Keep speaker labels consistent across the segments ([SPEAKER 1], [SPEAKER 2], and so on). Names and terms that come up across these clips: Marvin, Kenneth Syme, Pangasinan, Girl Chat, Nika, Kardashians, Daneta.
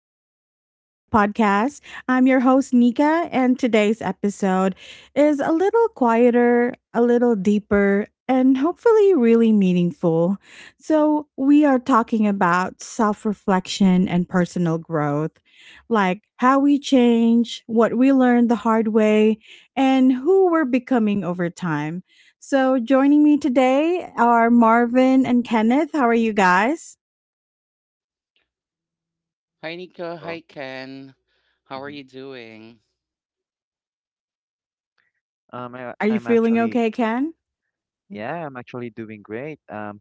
[SPEAKER 1] and welcome back to the podcast. I'm your host, Nika, and today's episode is a little quieter, a little deeper, and hopefully really meaningful. So, we are talking about self reflection and personal growth, like how we change, what we learned the hard way, and who we're becoming over time. So, joining me today are Marvin and Kenneth. How are you guys?
[SPEAKER 2] Hi, Nika.
[SPEAKER 3] Oh,
[SPEAKER 2] Hi, Ken. How are
[SPEAKER 3] hmm
[SPEAKER 2] you doing?
[SPEAKER 3] Um, I,
[SPEAKER 1] Are you
[SPEAKER 3] I'm
[SPEAKER 1] feeling
[SPEAKER 3] actually,
[SPEAKER 1] okay, Ken? Mh.
[SPEAKER 3] yeah, I'm actually doing great.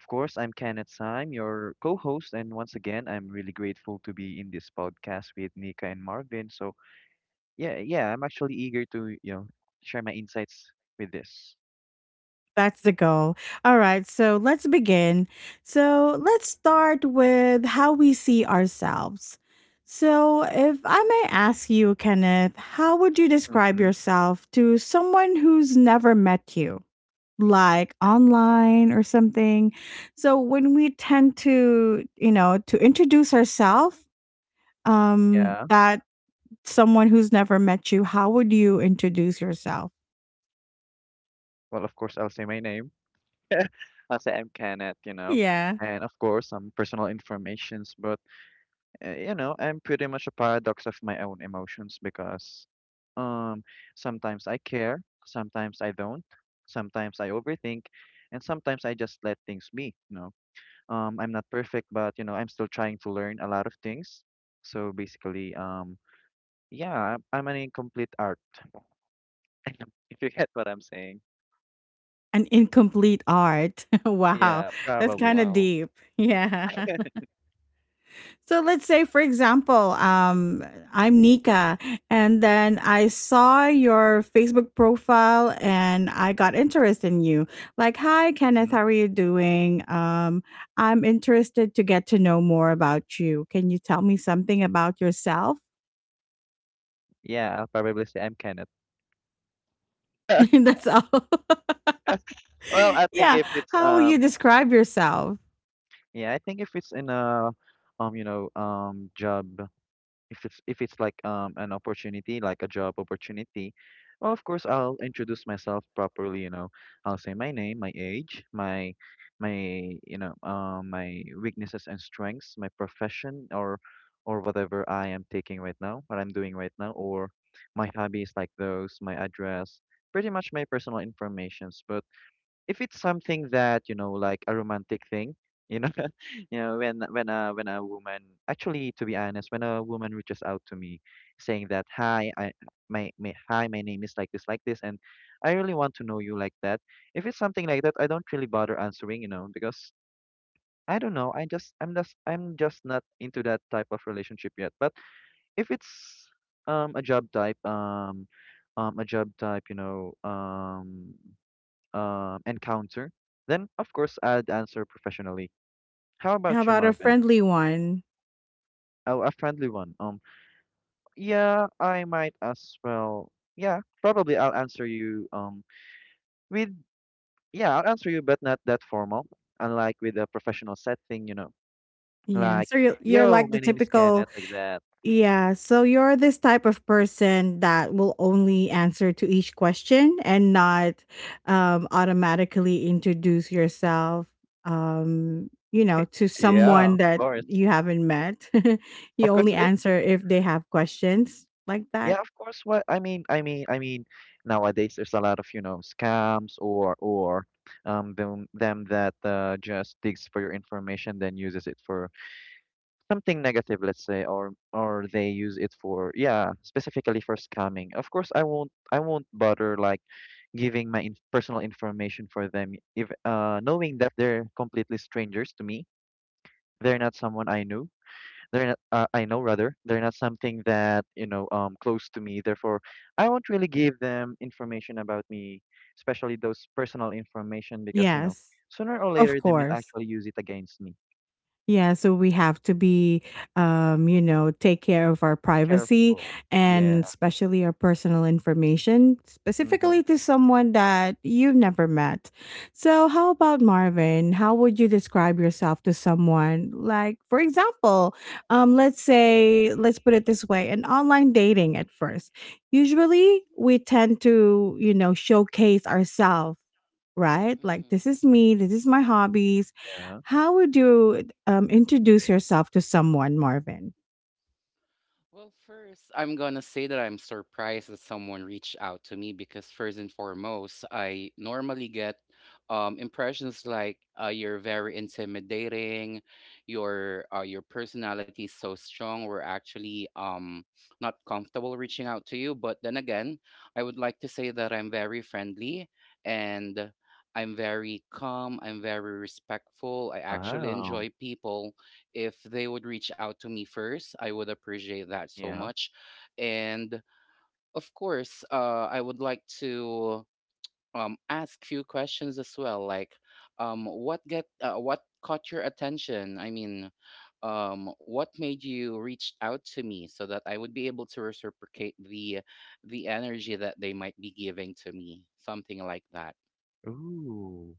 [SPEAKER 3] Of course, I'm Kenneth Syme, your co-host, and once again, I'm really grateful to be in this podcast with Nika and Marvin. So, yeah, yeah, I'm actually eager to share my insights with this.
[SPEAKER 1] That's the goal. Alright, so let's begin. So, let's start with how we see ourselves. So, if I may ask you, Kenneth, how would you describe
[SPEAKER 3] Mm-hmm.
[SPEAKER 1] yourself to someone who's never met you? Like online or something. So when we tend to introduce ourselves,
[SPEAKER 3] Yeah.
[SPEAKER 1] that someone who's never met you, how would you introduce yourself?
[SPEAKER 3] Well, of course, I'll say my name. I'll say I'm Kenneth,
[SPEAKER 1] Yeah.
[SPEAKER 3] and of course, some personal informations. But I'm pretty much a paradox of my own emotions because um sometimes I care, sometimes I don't, sometimes I overthink, and sometimes I just let things be. I'm not perfect, but I'm still trying to learn a lot of things. So basically, yeah, I'm an incomplete art. If you get what I'm saying.
[SPEAKER 1] An incomplete art. Wow.
[SPEAKER 3] Yeah,
[SPEAKER 1] That's
[SPEAKER 3] probably.
[SPEAKER 1] kind of
[SPEAKER 2] Wow.
[SPEAKER 1] deep. Yeah. So let's say, for example, I'm Nika, and then I saw your Facebook profile and I got interested in you. Like, hi, Kenneth,
[SPEAKER 3] Mhm.
[SPEAKER 1] how are you doing? I'm interested to get to know more about you. Can you tell me something about yourself?
[SPEAKER 3] Yeah, I'll probably say I'm Kenneth.
[SPEAKER 1] That's all.
[SPEAKER 3] Well, I think
[SPEAKER 1] Yeah.
[SPEAKER 3] if it's
[SPEAKER 1] How will you describe yourself?
[SPEAKER 3] Yeah, I think if it's in a job, if it's like an opportunity, like a job opportunity. Well, of course, I'll introduce myself properly. I'll say my name, my age, my my weaknesses and strengths, my profession or whatever I am taking right now, what I'm doing right now, or my hobbies like those, my address, pretty much my personal informations. But if it's something that, like a romantic thing, you know when a woman, actually, to be honest, when a woman reaches out to me saying that, hi, I, my name is like this, like this, and I really want to know you, like that. If it's something like that, I don't really bother answering, because I don't know, I'm just not into that type of relationship yet. But if it's um a job type um a job type you know encounter, then, of course, I'd answer professionally. How
[SPEAKER 1] How
[SPEAKER 3] about you,
[SPEAKER 1] about a
[SPEAKER 3] Marvin?
[SPEAKER 1] friendly one?
[SPEAKER 3] Oh, a friendly one. Yeah, I might as well. Yeah, probably I'll answer you. With yeah, I'll answer you, but not that formal. Unlike with a professional setting,
[SPEAKER 1] Yeah.
[SPEAKER 3] like,
[SPEAKER 1] So you're
[SPEAKER 3] yo,
[SPEAKER 1] like
[SPEAKER 3] my
[SPEAKER 1] the
[SPEAKER 3] name is
[SPEAKER 1] typical
[SPEAKER 3] Kenneth, like that.
[SPEAKER 1] Yeah, so you're this type of person that will only answer to each question and not automatically introduce yourself, to
[SPEAKER 3] Yeah,
[SPEAKER 1] someone
[SPEAKER 3] of
[SPEAKER 1] that
[SPEAKER 3] course,
[SPEAKER 1] you haven't met. You
[SPEAKER 3] of course.
[SPEAKER 1] only answer if they have questions like that.
[SPEAKER 3] Yeah, of course. What I mean, nowadays there's a lot of, scams, or them that just digs for your information, then uses it for something negative, let's say, or they use it for, yeah, specifically for scamming. Of course, I won't bother, like, giving my in personal information for them if, knowing that they're completely strangers to me. They're not someone I knew. They're not — I know, rather, they're not something that, close to me. Therefore, I won't really give them information about me, especially those personal information, because,
[SPEAKER 1] Yes,
[SPEAKER 3] sooner or
[SPEAKER 1] of
[SPEAKER 3] later they might
[SPEAKER 1] course.
[SPEAKER 3] actually use it against me.
[SPEAKER 1] Yeah, so we have to be, take care of our privacy
[SPEAKER 3] Careful. Yeah.
[SPEAKER 1] and especially our personal information,
[SPEAKER 3] Mm-hmm.
[SPEAKER 1] specifically to someone that you've never met. So, how about Marvin? How would you describe yourself to someone? Like, for example, let's say, let's put it this way an online dating at first. Usually, we tend to, showcase ourselves right? Like,
[SPEAKER 2] hmm
[SPEAKER 1] this is me, this is my hobbies.
[SPEAKER 3] Yeah.
[SPEAKER 1] How would you introduce yourself to someone, Marvin?
[SPEAKER 2] Well, first, I'm gonna say that I'm surprised that someone reached out to me because first and foremost, I normally get impressions like you're very intimidating, your personality is so strong. We're actually not comfortable reaching out to you. But then again, I would like to say that I'm very friendly and I'm very calm. I'm very respectful. I actually
[SPEAKER 3] Wow.
[SPEAKER 2] enjoy people if they would reach out to me first, I would appreciate that so
[SPEAKER 3] Yeah.
[SPEAKER 2] much. And of course, I would like to ask few questions as well, like what get what caught your attention? I mean, what made you reach out to me so that I would be able to reciprocate the energy that they might be giving to me, something like that.
[SPEAKER 3] Ooh,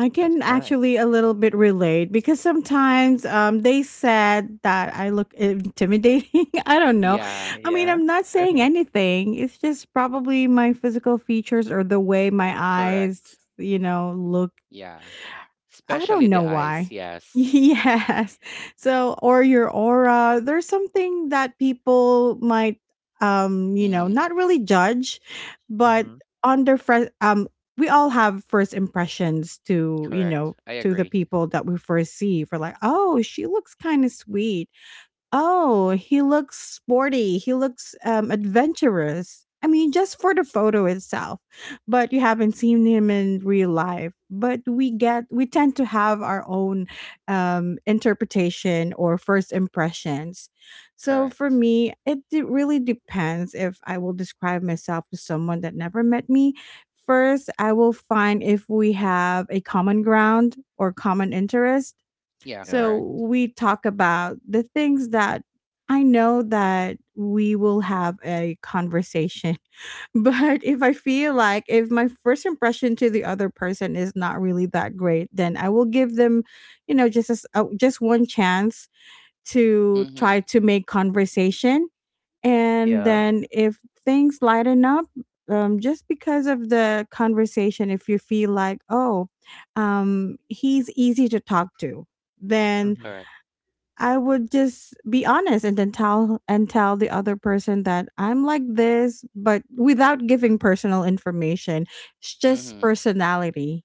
[SPEAKER 1] I
[SPEAKER 3] that's
[SPEAKER 1] can
[SPEAKER 3] nice.
[SPEAKER 1] actually a little bit relate because sometimes they said that I look intimidating. I don't know.
[SPEAKER 2] Yeah,
[SPEAKER 1] I mean,
[SPEAKER 3] Yeah.
[SPEAKER 1] I'm not saying anything. It's just probably my physical features or the way my
[SPEAKER 2] correct.
[SPEAKER 1] eyes, look.
[SPEAKER 2] Yeah,
[SPEAKER 1] I
[SPEAKER 2] especially
[SPEAKER 1] don't
[SPEAKER 2] the
[SPEAKER 1] know
[SPEAKER 2] eyes.
[SPEAKER 1] why.
[SPEAKER 2] Yes.
[SPEAKER 1] Yes. So, or your aura, there's something that people might,
[SPEAKER 2] Mm-hmm.
[SPEAKER 1] not really judge, but
[SPEAKER 3] Mm-hmm.
[SPEAKER 1] under first, we all have first impressions to,
[SPEAKER 2] Correct. I
[SPEAKER 1] to the
[SPEAKER 2] agree.
[SPEAKER 1] people that we first see for like, oh, she looks kind of sweet. Oh, he looks sporty. He looks, adventurous. I mean, just for the photo itself, but you haven't seen him in real life. But we tend to have our own interpretation or first impressions. So for
[SPEAKER 2] Correct.
[SPEAKER 1] me, it really depends if I will describe myself to someone that never met me. First, I will find if we have a common ground or common interest
[SPEAKER 2] Yeah,
[SPEAKER 3] Yeah.
[SPEAKER 1] so
[SPEAKER 2] correct.
[SPEAKER 1] we talk about the things that I know that we will have a conversation. But if I feel like if my first impression to the other person is not really that great, then I will give them, just one chance to
[SPEAKER 2] Mm-hmm.
[SPEAKER 1] try to make conversation. And
[SPEAKER 3] Yeah.
[SPEAKER 1] then if things lighten up, just because of the conversation, if you feel like, oh, he's easy to talk to, then
[SPEAKER 3] Mm-hmm.
[SPEAKER 2] Correct.
[SPEAKER 1] I would just be honest and then tell and tell the other person that I'm like this, but without giving personal information. It's just
[SPEAKER 2] Mm-hmm.
[SPEAKER 1] personality.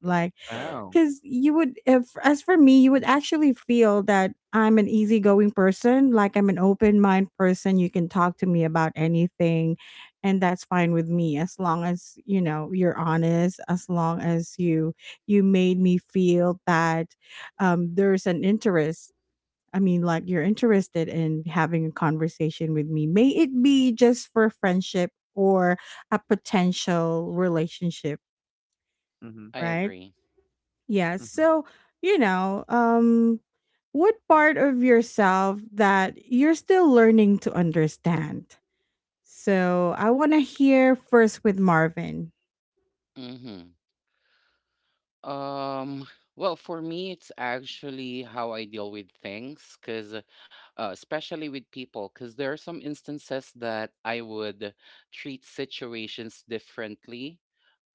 [SPEAKER 1] Like,
[SPEAKER 3] Wow.
[SPEAKER 2] Correct.
[SPEAKER 1] because you would, if as for me, you would actually feel that I'm an easygoing person, like I'm an open mind person. You can talk to me about anything, and that's fine with me as long as you're honest. As long as you made me feel that there's an interest. I mean, like you're interested in having a conversation with me, may it be just for friendship or a potential relationship,
[SPEAKER 3] Mm-hmm.
[SPEAKER 2] I
[SPEAKER 1] right?
[SPEAKER 2] agree.
[SPEAKER 1] Yeah.
[SPEAKER 3] Mm-hmm.
[SPEAKER 1] So, you know, um, what part of yourself that you're still learning to understand? So, I want to hear first with Marvin.
[SPEAKER 2] Mm-hmm. Um, well, for me, it's actually how I deal with things, because especially with people, because there are some instances that I would treat situations differently,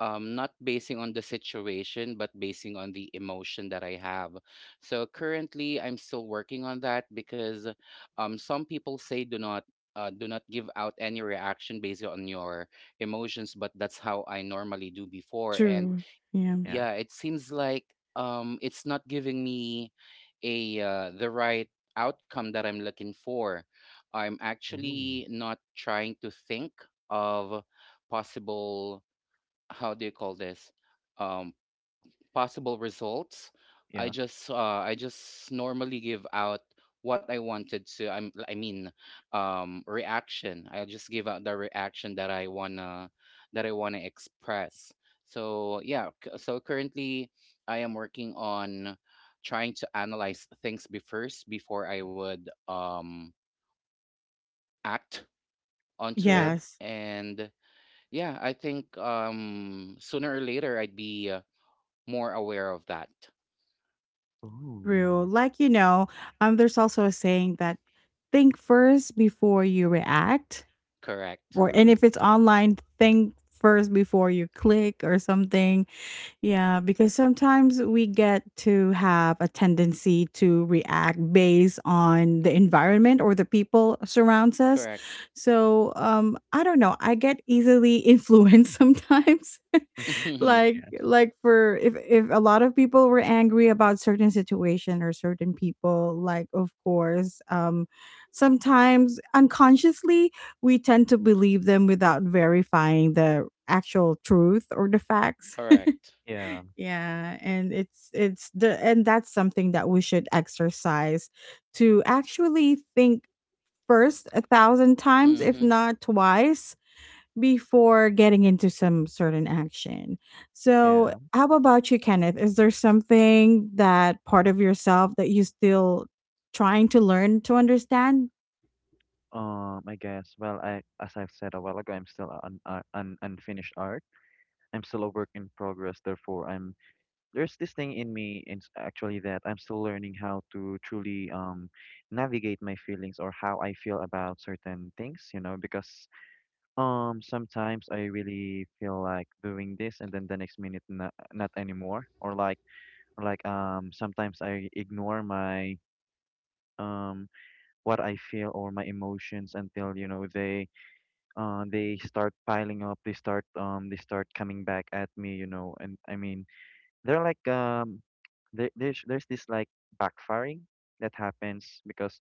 [SPEAKER 2] not basing on the situation, but basing on the emotion that I have. So currently, I'm still working on that because some people say do not. Do not give out any reaction based on your emotions, but that's how I normally do before. And
[SPEAKER 1] True. Yeah.
[SPEAKER 3] Yeah.
[SPEAKER 2] yeah, it seems like it's not giving me a the right outcome that I'm looking for. I'm
[SPEAKER 3] Ooh.
[SPEAKER 2] actually not trying to think of possible, how do you call this, um possible results. i
[SPEAKER 3] Yeah.
[SPEAKER 2] just uh i just normally give out what I wanted to, I mean, reaction. I just give out the reaction that I wanna express. So yeah, so currently I am working on trying to analyze things be first before I would act onto
[SPEAKER 3] Yeah.
[SPEAKER 2] it.
[SPEAKER 1] Yes.
[SPEAKER 2] And yeah, I think sooner or later I'd be more aware of that.
[SPEAKER 1] True.
[SPEAKER 3] Ooh.
[SPEAKER 1] Like, there's also a saying that think first before you react
[SPEAKER 2] Correct.
[SPEAKER 1] or and
[SPEAKER 3] Ooh.
[SPEAKER 1] if it's online think first before you click or something. Yeah, because sometimes we get to have a tendency to react based on the environment or the people surrounds us,
[SPEAKER 2] Correct.
[SPEAKER 1] so I don't know, I get easily influenced sometimes.
[SPEAKER 3] Mm-hmm.
[SPEAKER 2] Correct.
[SPEAKER 1] like
[SPEAKER 3] Yeah.
[SPEAKER 1] like for if a lot of people were angry about certain situation or certain people, like of course, sometimes unconsciously we tend to believe them without verifying the actual truth or the facts.
[SPEAKER 3] Yeah.
[SPEAKER 1] Yeah, and it's the and that's something that we should exercise to actually think first a thousand times, if
[SPEAKER 2] Mm-hmm.
[SPEAKER 1] not twice, before getting into some certain action. So,
[SPEAKER 3] Yeah.
[SPEAKER 1] how about you, Kenneth? Is there something that part of yourself that you still trying to learn to understand?
[SPEAKER 3] I guess. Well, I as I've said a while ago, I'm still an unfinished art. I'm still a work in progress. Therefore, I'm there's this thing in me, in actually, that I'm still learning how to truly navigate my feelings or how I feel about certain things. You know, because sometimes I really feel like doing this, and then the next minute not anymore, or like, sometimes I ignore my um what I feel or my emotions, until, they, they start piling up. They start coming back at me. And, I mean, they're like, there's this, like, backfiring that happens, because,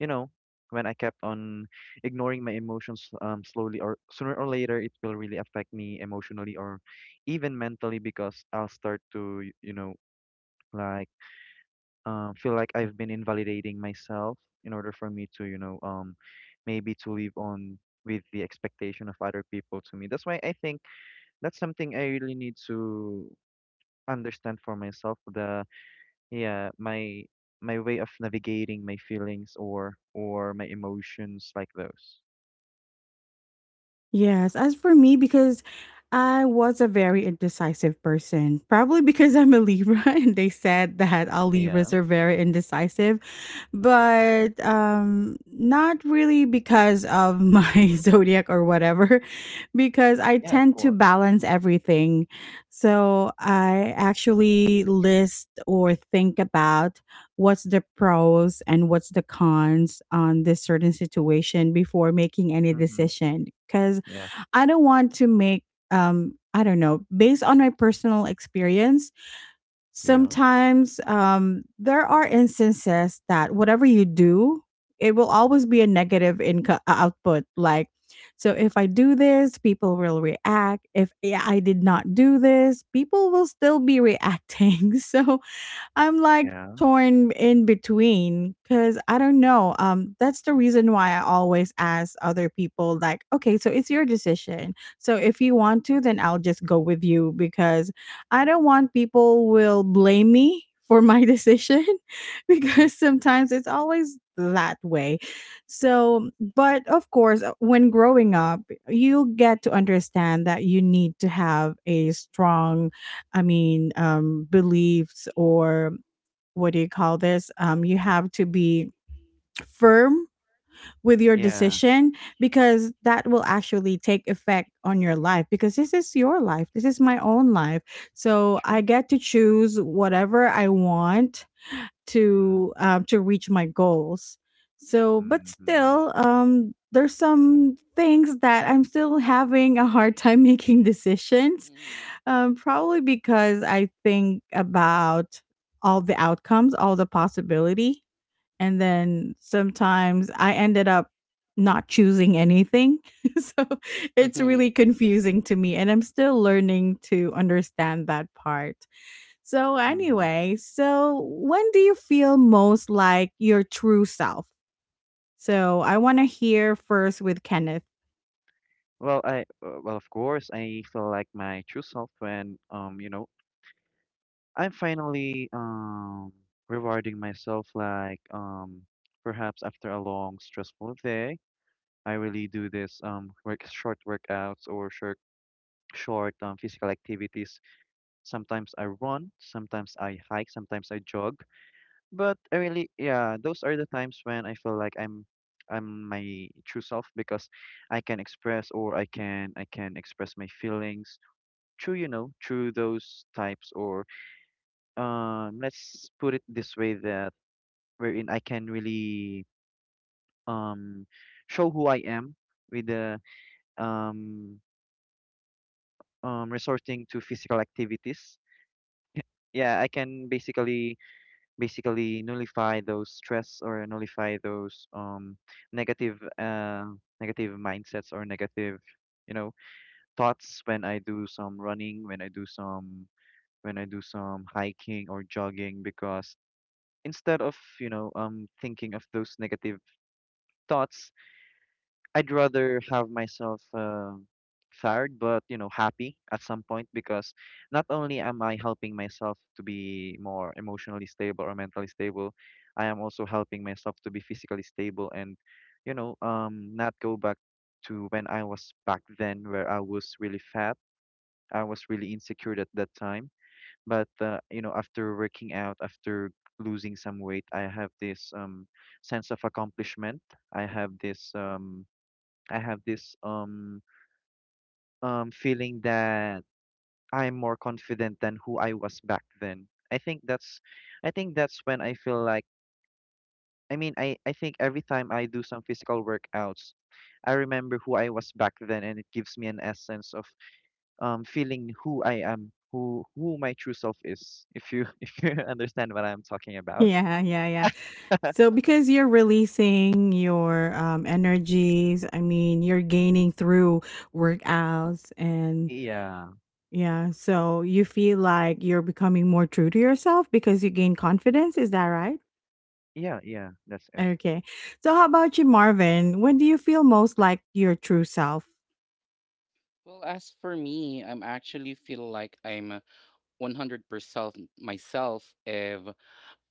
[SPEAKER 3] you know when I kept on ignoring my emotions, slowly or sooner or later it will really affect me emotionally or even mentally, because I'll start to, like, feel like I've been invalidating myself in order for me to, maybe to live on with the expectation of other people to me. That's why I think that's something I really need to understand for myself. The Yeah, my way of navigating my feelings or my emotions, like those.
[SPEAKER 1] Yes, as for me, because I was a very indecisive person, probably because I'm a Libra and they said that all
[SPEAKER 3] Yeah.
[SPEAKER 1] Libras are very indecisive,
[SPEAKER 3] Hmm.
[SPEAKER 1] but not really because of my zodiac or whatever, because I
[SPEAKER 3] Yeah, of
[SPEAKER 1] tend to
[SPEAKER 3] course.
[SPEAKER 1] balance everything. So I actually list or think about what's the pros and what's the cons on this certain situation before making any
[SPEAKER 3] Mm-hmm.
[SPEAKER 1] decision because
[SPEAKER 3] Yeah.
[SPEAKER 1] I don't want to make I don't know, based on my personal experience,
[SPEAKER 3] Yeah.
[SPEAKER 1] sometimes there are instances that whatever you do, it will always be a negative income output, like so if I do this, people will react. If I did not do this, people will still be reacting. So I'm like
[SPEAKER 3] Yeah.
[SPEAKER 1] torn in between because I don't know. That's the reason why I always ask other people, like, okay, so it's your decision. So if you want to, then I'll just go with you because I don't want people will blame me for my decision
[SPEAKER 3] Mm-hmm.
[SPEAKER 1] because sometimes it's always that way. So, but of course, when growing up, you get to understand that you need to have a strong I mean, beliefs or what do you call this? You have to be firm with your
[SPEAKER 2] Correct.
[SPEAKER 3] Yeah.
[SPEAKER 1] decision because that will actually take effect on your life because this is your life. This is my own life. So I
[SPEAKER 3] True.
[SPEAKER 1] get to choose whatever I want
[SPEAKER 3] Mm-hmm.
[SPEAKER 1] to reach my goals. So, but
[SPEAKER 3] Mm-hmm.
[SPEAKER 1] still, there's some things that I'm still having a hard time making decisions.
[SPEAKER 2] Mm-hmm.
[SPEAKER 1] Probably because I think about all the outcomes, all the possibility and then sometimes I ended up not choosing anything. So it's
[SPEAKER 2] Mm-hmm.
[SPEAKER 1] really confusing to me and I'm still learning to understand that part. So
[SPEAKER 3] Mm-hmm.
[SPEAKER 1] anyway, so when do you feel most like your true self? So I want to hear first with Kenneth.
[SPEAKER 3] Well, I well, of course, I feel like my true self when, I'm finally, rewarding myself, like, perhaps after a long stressful day. I really do this work short workouts, or short physical activities. Sometimes I run, sometimes I hike, sometimes I jog. But I really, yeah, those are the times when I feel like I'm my true self, because I can express or I can express my feelings through, through those types, or, let's put it this way, that wherein I can really, um show who I am, with the um resorting to physical activities. Yeah, I can basically nullify those stress, or nullify those, negative, negative mindsets, or negative, you know thoughts, when I do some running, when I do some, hiking or jogging, because instead of, thinking of those negative thoughts, I'd rather have myself, fired, but, happy at some point, because not only am I helping myself to be more emotionally stable or mentally stable, I am also helping myself to be physically stable, and, not go back to when I was back then, where I was really fat, I was really insecure at that time. But, after working out, after losing some weight, I have this, sense of accomplishment. I have this um I have this feeling that I'm more confident than who I was back then. I think that's when I feel like, I mean, I think every time I do some physical workouts, I remember who I was back then, and it gives me an essence of, feeling who I am, who my true self is, if you if you understand what I'm talking about.
[SPEAKER 1] Yeah, yeah, yeah. So because you're releasing your energies, I mean, you're gaining through workouts and
[SPEAKER 3] Yeah.
[SPEAKER 1] Yeah, so you feel like you're becoming more true to yourself because you gain confidence, is that right?
[SPEAKER 3] Yeah, yeah, that's it.
[SPEAKER 1] Okay. So how about you, Marvin? When do you feel most like your true self?
[SPEAKER 2] Well, as for me, I'm actually feel like I'm 100% myself if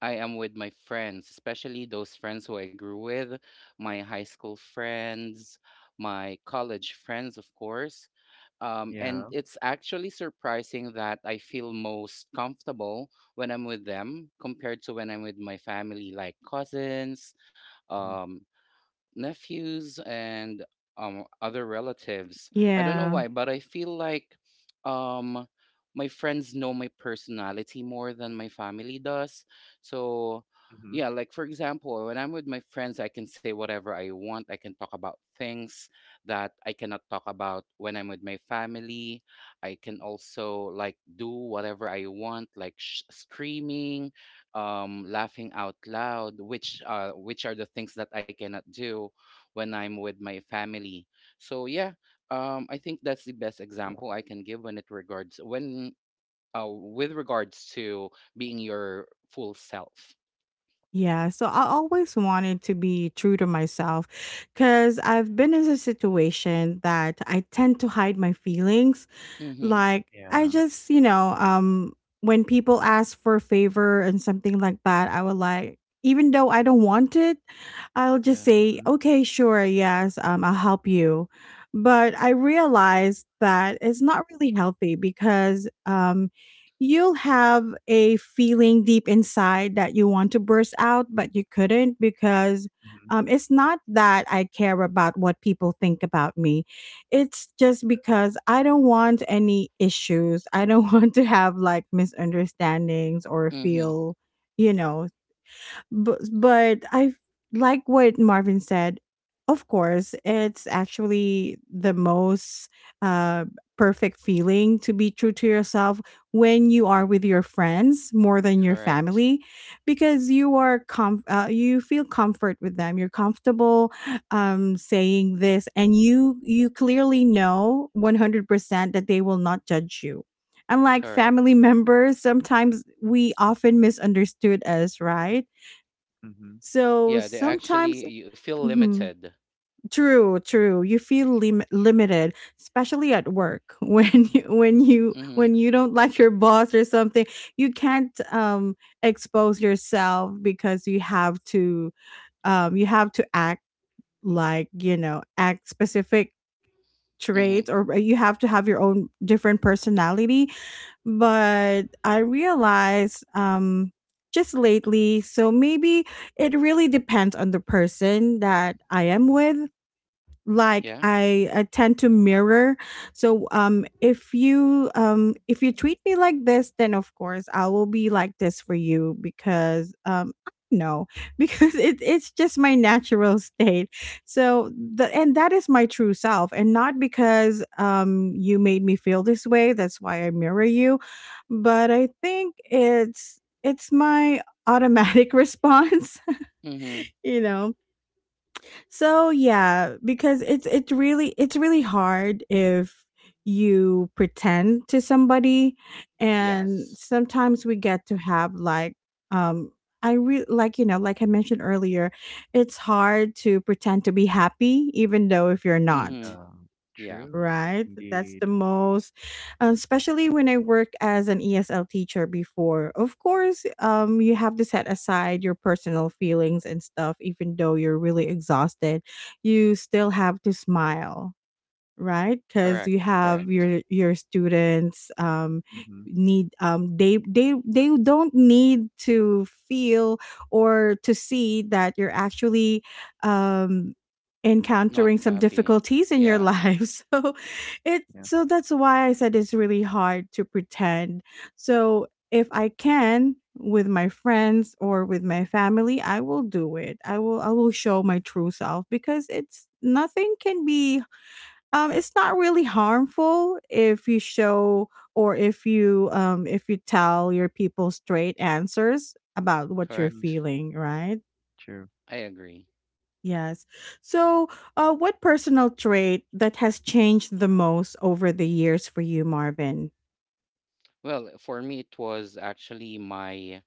[SPEAKER 2] I am with my friends, especially those friends who I grew with, my high school friends, my college friends, of course. And
[SPEAKER 3] Yeah.
[SPEAKER 2] it's actually surprising that I feel most comfortable when I'm with them compared to when I'm with my family, like cousins,
[SPEAKER 3] Mhm.
[SPEAKER 2] um, nephews and other relatives. I don't know
[SPEAKER 1] Yeah.
[SPEAKER 2] why, but I feel like um, my friends know my personality more than my family does. So,
[SPEAKER 3] Mhm.
[SPEAKER 2] yeah, like for example, when I'm with my friends, I can say whatever I want. I can talk about things that I cannot talk about when I'm with my family. I can also like do whatever I want, like screaming, laughing out loud, which are the things that I cannot do when I'm with my family. So yeah, I think that's the best example I can give when it regards when with regards to being your full self.
[SPEAKER 1] Yeah, so I always wanted to be true to myself cuz I've been in a situation that I tend to hide my feelings.
[SPEAKER 2] Mm-hmm.
[SPEAKER 1] Like I
[SPEAKER 3] Yeah.
[SPEAKER 1] just, when people ask for a favor and something like that, I would like even though I don't want it, I'll
[SPEAKER 2] Yeah.
[SPEAKER 1] just say,
[SPEAKER 3] Mhm.
[SPEAKER 1] "Okay, sure. Yes, I'll help you." But I realized that it's not really healthy because you'll have a feeling deep inside that you want to burst out but you couldn't because
[SPEAKER 3] Mhm.
[SPEAKER 1] it's not that I care about what people think about me. It's just because I don't want any issues. I don't want to have like misunderstandings or
[SPEAKER 2] Mm-hmm.
[SPEAKER 1] feel, you know, but I like what Marvin said. Of course, it's actually the most uh, perfect feeling to be true to yourself when you are with your friends more than your
[SPEAKER 2] Correct.
[SPEAKER 1] family, because you are you feel comfort with them. You're comfortable saying this, and you clearly know 100% that they will not judge you. Unlike family
[SPEAKER 2] Correct.
[SPEAKER 1] members, sometimes we often misunderstood us, right?
[SPEAKER 3] Mhm.
[SPEAKER 1] So
[SPEAKER 2] Yeah, they
[SPEAKER 1] sometimes,
[SPEAKER 2] actually you feel
[SPEAKER 1] Mhm.
[SPEAKER 2] limited.
[SPEAKER 1] True, true. You feel limited, especially at work when you, when you
[SPEAKER 2] Mm-hmm.
[SPEAKER 1] when you don't like your boss or something. You can't expose yourself because you have to act like act specific
[SPEAKER 2] Mm-hmm.
[SPEAKER 1] traits or you have to have your own different personality but I realized just lately, so maybe it really depends on the person that I am with like
[SPEAKER 2] Yeah.
[SPEAKER 1] I tend to
[SPEAKER 3] Mhm.
[SPEAKER 1] mirror. So if you treat me like this, then of course I will be like this for you because I don't know because it's just my natural state. So the and that is my true self and not because you made me feel this way, that's why I mirror you. But I think it's my automatic response,
[SPEAKER 2] Mm-hmm.
[SPEAKER 1] you know so yeah, because it's really hard if you pretend to somebody and
[SPEAKER 2] Yes.
[SPEAKER 1] sometimes we get to have um like like I mentioned earlier, it's hard to pretend to be happy even though if you're not,
[SPEAKER 2] Mm-hmm.
[SPEAKER 3] Yeah.
[SPEAKER 2] Yeah.
[SPEAKER 3] True.
[SPEAKER 1] right? That's
[SPEAKER 3] Indeed.
[SPEAKER 1] the most, especially when I worked as an ESL teacher before. Of course, you have to set aside your personal feelings and stuff, even though you're really exhausted. You still have to smile, right? Because you
[SPEAKER 2] Correct.
[SPEAKER 1] have
[SPEAKER 3] True.
[SPEAKER 2] Correct.
[SPEAKER 1] your students
[SPEAKER 3] Mhm.
[SPEAKER 1] need they don't need to feel or to see that you're actually um,
[SPEAKER 2] Not
[SPEAKER 1] encountering some
[SPEAKER 2] happy.
[SPEAKER 1] difficulties in your
[SPEAKER 2] Yeah.
[SPEAKER 1] life. So it
[SPEAKER 3] Yeah.
[SPEAKER 1] so that's why I said it's really hard to pretend. So if I can with my friends or with my family, I will do it. I will show my true self because it's nothing can be it's not really harmful if you show or if you tell your people straight answers about what you're
[SPEAKER 3] Mhm.
[SPEAKER 2] Correct.
[SPEAKER 1] feeling, right?
[SPEAKER 3] True.
[SPEAKER 2] I agree.
[SPEAKER 1] Yes. So, what personal trait that has changed the most over the years for you, Marvin?
[SPEAKER 2] Well, for me, it was actually my.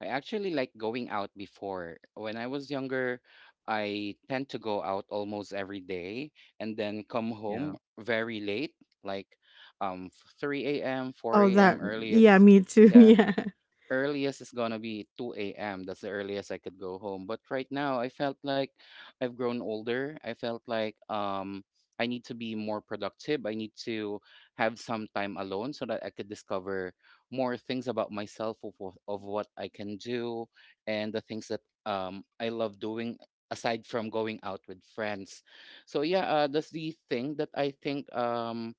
[SPEAKER 2] I actually like going out before. When I was younger, I tend to go out almost every day and then come
[SPEAKER 3] Yeah.
[SPEAKER 2] home very late, like um, 3 a.m.,
[SPEAKER 1] Oh,
[SPEAKER 2] 4
[SPEAKER 1] that,
[SPEAKER 2] a.m.
[SPEAKER 1] yeah,
[SPEAKER 2] earliest.
[SPEAKER 1] me too.
[SPEAKER 2] Yeah,
[SPEAKER 1] Yeah,
[SPEAKER 2] earliest is gonna be 2 a.m. That's the earliest I could go home. But right now, I felt like I've grown older. I felt like I need to be more productive. I need to have some time alone so that I could discover more things about myself of of what I can do and the things that I love doing aside from going out with friends. So yeah, that's the thing that I think.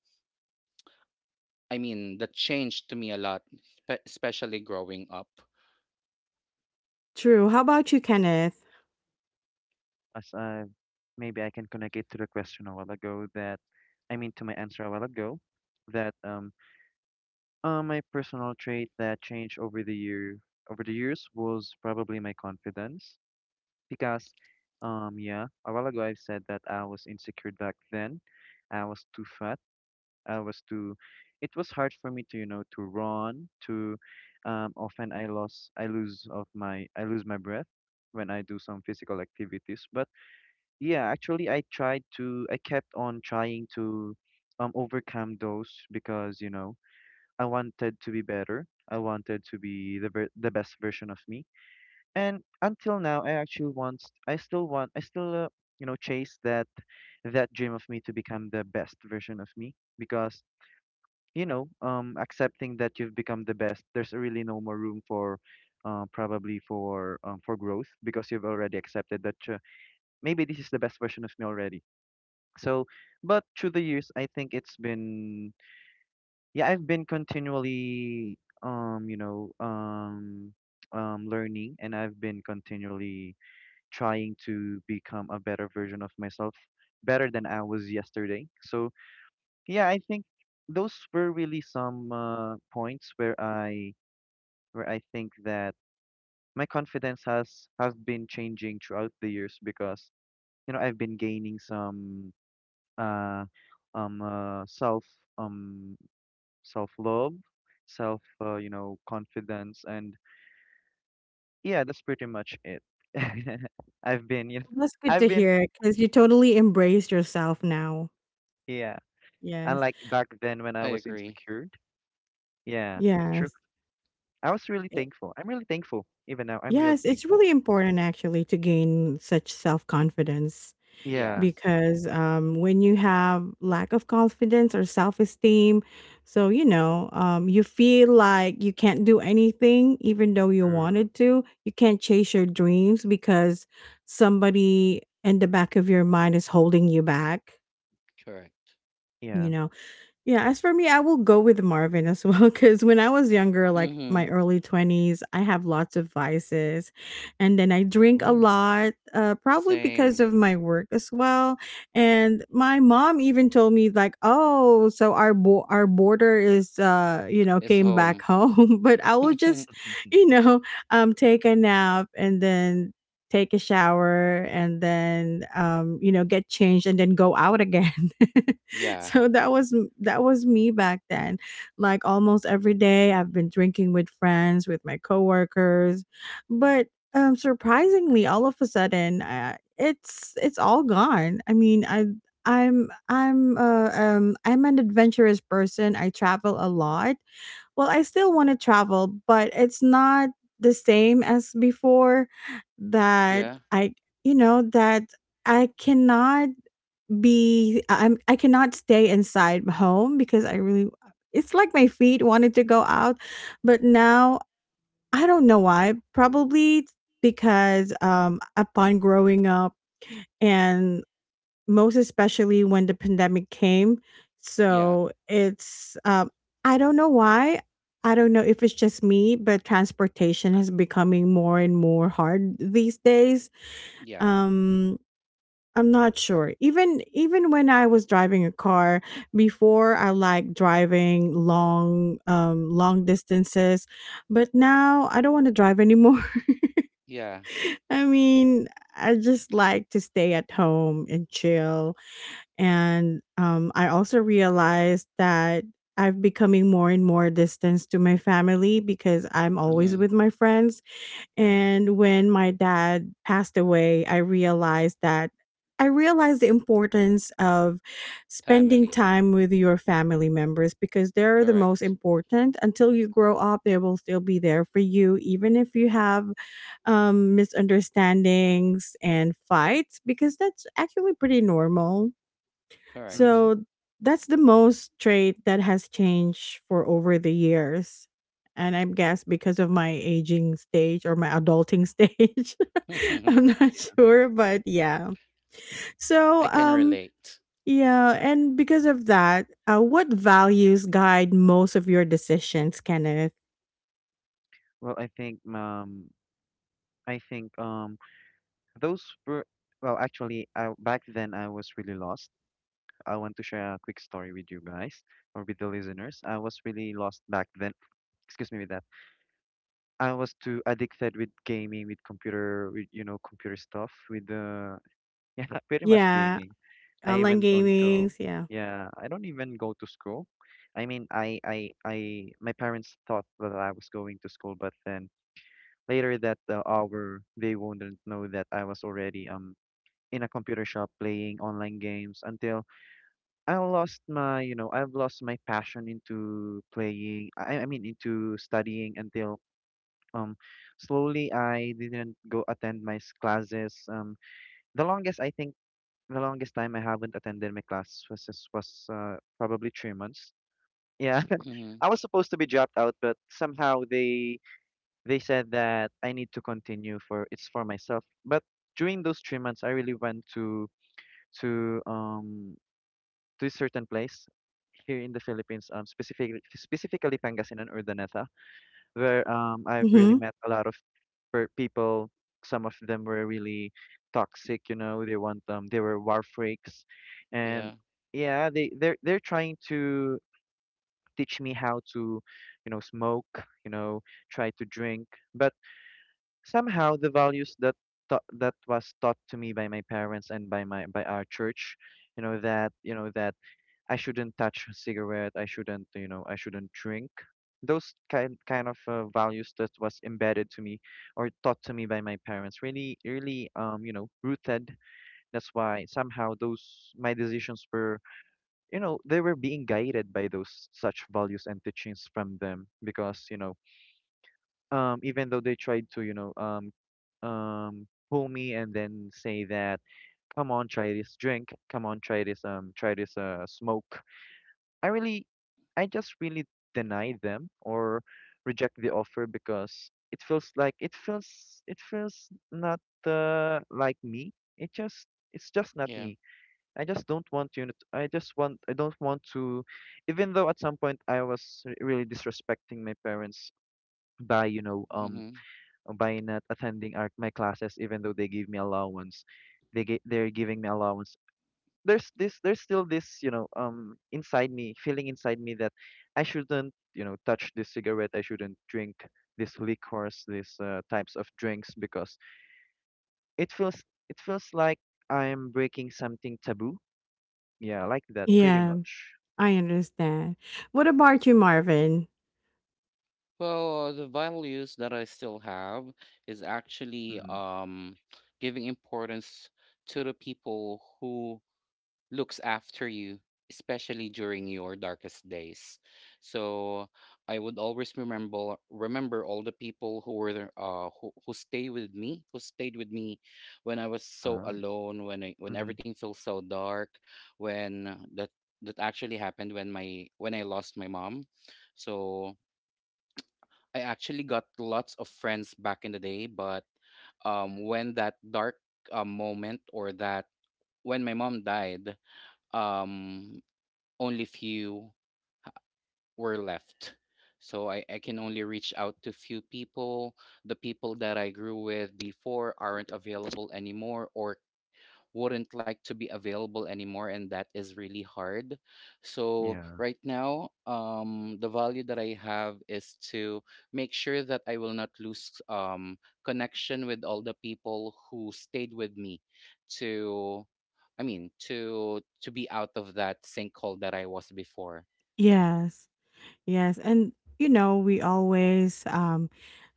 [SPEAKER 2] I mean, that changed to me a lot, especially growing up.
[SPEAKER 1] true. How about you, Kenneth?
[SPEAKER 3] As I Maybe I can connect it to the question a while ago — that, I mean, to my answer a while ago — that, my personal trait that changed over the years was probably my confidence. Because, yeah, a while ago I've said that I was insecure back then, I was too fat, I was too it was hard for me to you know to run to often. I lost I lose of my I lose my breath when I do some physical activities. But yeah, actually, I kept on trying to, overcome those, because, you know, I wanted to be better, I wanted to be the best version of me. And until now, I actually want I still you know chase that dream of me, to become the best version of me. Because, accepting that you've become the best, there's really no more room for, probably for, for growth, because you've already accepted that, maybe this is the best version of me already. So, but through the years, I think it's been yeah, I've been continually, learning, and I've been continually trying to become a better version of myself, better than I was yesterday. So yeah, I think those were really some, points where, I think that my confidence has have been changing throughout the years, because, I've been gaining some, uh, self, um love, self, confidence, and yeah, that's pretty much it. I've been you know
[SPEAKER 1] That's good
[SPEAKER 3] I've
[SPEAKER 1] to
[SPEAKER 3] been
[SPEAKER 1] hear because you totally embrace yourself now.
[SPEAKER 3] yeah And
[SPEAKER 1] Yes,
[SPEAKER 3] like, back then when
[SPEAKER 2] I
[SPEAKER 3] I was
[SPEAKER 2] agree.
[SPEAKER 3] insecure, yeah, true.
[SPEAKER 1] yes.
[SPEAKER 3] I was really
[SPEAKER 1] Eh,
[SPEAKER 3] thankful. I'm really thankful. Even now, I'm really
[SPEAKER 1] yes, it's
[SPEAKER 3] thankful.
[SPEAKER 1] really important actually to gain such self-confidence
[SPEAKER 3] Yeah,
[SPEAKER 2] Yes,
[SPEAKER 1] because when you have lack of confidence or self-esteem, so you know, you feel like you can't do anything even though you
[SPEAKER 3] true.
[SPEAKER 1] wanted to. You can't chase your dreams because somebody in the back of your mind is holding you back,
[SPEAKER 2] correct.
[SPEAKER 1] you
[SPEAKER 3] Yeah.
[SPEAKER 1] know. Yeah, as for me, I will go with Marvin as well because when I was younger, like my
[SPEAKER 2] Mm-hmm.
[SPEAKER 1] early 20s, I have lots of vices. And then I drink a
[SPEAKER 3] Oh.
[SPEAKER 1] lot, probably because
[SPEAKER 2] Same.
[SPEAKER 1] of my work as well. And my mom even told me, like, oh, so our, our border is, you know,
[SPEAKER 2] It's
[SPEAKER 1] came back
[SPEAKER 2] home.
[SPEAKER 1] home. But I will just, you know, take a nap and then take a shower and then, you know, get changed and then go out again.
[SPEAKER 2] yeah,
[SPEAKER 1] So that was me back then, like almost every day I've been drinking with friends, with my coworkers. But surprisingly all of a sudden, it's all gone. I mean, I'm an adventurous person, I travel a lot. Well, I still want to travel, but it's not the same as before, that
[SPEAKER 2] yeah,
[SPEAKER 1] I you know that I cannot be I- I'm I cannot stay inside home because I really, it's like my feet wanted to go out, but now I don't know why. Probably because upon growing up and most especially when the pandemic came,
[SPEAKER 2] yeah,
[SPEAKER 1] so it's I don't know why. I don't know if it's just me, but transportation has becoming more and more hard these days.
[SPEAKER 2] yeah,
[SPEAKER 1] Um I'm not sure. Even when I was driving a car before, I like driving long distances, but now I don't want to drive anymore.
[SPEAKER 2] yeah.
[SPEAKER 1] I mean, I just like to stay at home and chill. And I also realized that I've becoming more and more distance to my family because I'm always
[SPEAKER 3] Mm-hmm.
[SPEAKER 2] Mm-hmm.
[SPEAKER 1] with my friends.
[SPEAKER 3] Yeah.
[SPEAKER 1] And when my dad passed away, I realized the importance of spending
[SPEAKER 2] Family.
[SPEAKER 1] time with your family members because they're the most
[SPEAKER 2] Correct.
[SPEAKER 1] important. Until you grow up, they will still be there for you, even if you have misunderstandings and fights, because that's actually pretty normal.
[SPEAKER 2] Correct.
[SPEAKER 3] Mm-hmm.
[SPEAKER 1] So that's the most trait that has changed for over the years. And I guess because of my aging stage or my adulting stage,
[SPEAKER 2] I
[SPEAKER 1] I'm not
[SPEAKER 3] Yeah.
[SPEAKER 1] sure, but yeah. So,
[SPEAKER 2] can relate.
[SPEAKER 1] yeah, and because of that, what values guide most of your decisions, Kenneth?
[SPEAKER 3] Well, I think those were, well, actually, I back then I was really lost. I want to share a quick story with you guys, or with the listeners. I was really lost back then. Excuse me with that. I was too addicted with gaming, with computer, with, computer stuff, with, yeah, pretty much
[SPEAKER 1] Yeah,
[SPEAKER 3] gaming. I
[SPEAKER 1] online
[SPEAKER 3] even don't go.
[SPEAKER 1] gamings. Yeah.
[SPEAKER 3] Yeah, I don't even go to school. I mean, my parents thought that I was going to school, but then later that hour, they wouldn't know that I was already in a computer shop playing online games until I lost my, I've lost my passion into playing. I mean, into studying until um slowly I didn't go attend my classes. The longest I think the longest time I haven't attended my class was probably 3 months. Yeah,
[SPEAKER 2] Mm-hmm.
[SPEAKER 3] I was supposed to be dropped out, but somehow they said that I need to continue for it's for myself. But during those 3 months, I really went to to um to a certain place here in the Philippines, specifically Pangasinan or Daneta where I've really
[SPEAKER 1] Mm-hmm.
[SPEAKER 3] met a lot of people. Some of them were really toxic, you know. They were war freaks, and
[SPEAKER 2] Yeah,
[SPEAKER 3] yeah, they're trying to teach me how to, you know, smoke, you know, try to drink, but somehow the values that that was taught to me by my parents and by my by our church, you know that I shouldn't touch a cigarette. I shouldn't, I shouldn't drink. Those kind of values that was embedded to me or taught to me by my parents really, really, you know, rooted. That's why somehow those my decisions were, you know, they were being guided by those such values and teachings from them because, you know, even though they tried to, you know, pull me and then say that, come on, try this drink, come on, try this, smoke. I really, I just really deny them or reject the offer because it feels not like me. It just it's just not
[SPEAKER 2] yeah.
[SPEAKER 3] me. I just don't want I don't want to, even though at some point I was really disrespecting my parents by
[SPEAKER 2] Mm-hmm.
[SPEAKER 3] by not attending my classes even though they gave me allowance. They're giving me allowance. There's still this inside me feeling inside me that I shouldn't, you know, touch this cigarette. I shouldn't drink this liquors, these types of drinks because it feels it feels like I'm breaking something taboo, yeah, like that pretty
[SPEAKER 1] Yeah,
[SPEAKER 3] much.
[SPEAKER 1] I understand. What about you, Marvin?
[SPEAKER 2] Well, the values that I still have is actually
[SPEAKER 3] Mm-hmm.
[SPEAKER 2] giving importance to the people who looks after you, especially during your darkest days. So I would always remember all the people who were there, who who stayed with me when I was so
[SPEAKER 3] Oh.
[SPEAKER 2] alone, when when
[SPEAKER 3] Mm-hmm.
[SPEAKER 2] everything feels so dark, when that actually happened when my when I lost my mom. So I actually got lots of friends back in the day, but when that dark moment or that when my mom died, um only few were left. So I can only reach out to few people, the people that I grew with before aren't available anymore or wouldn't like to be available anymore, and that is really hard. So
[SPEAKER 3] Yeah.
[SPEAKER 2] right now, the value that I have is to make sure that I will not lose connection with all the people who stayed with me to, I mean, to be out of that sinkhole that I was before.
[SPEAKER 1] Yes. Yes, and you know, we always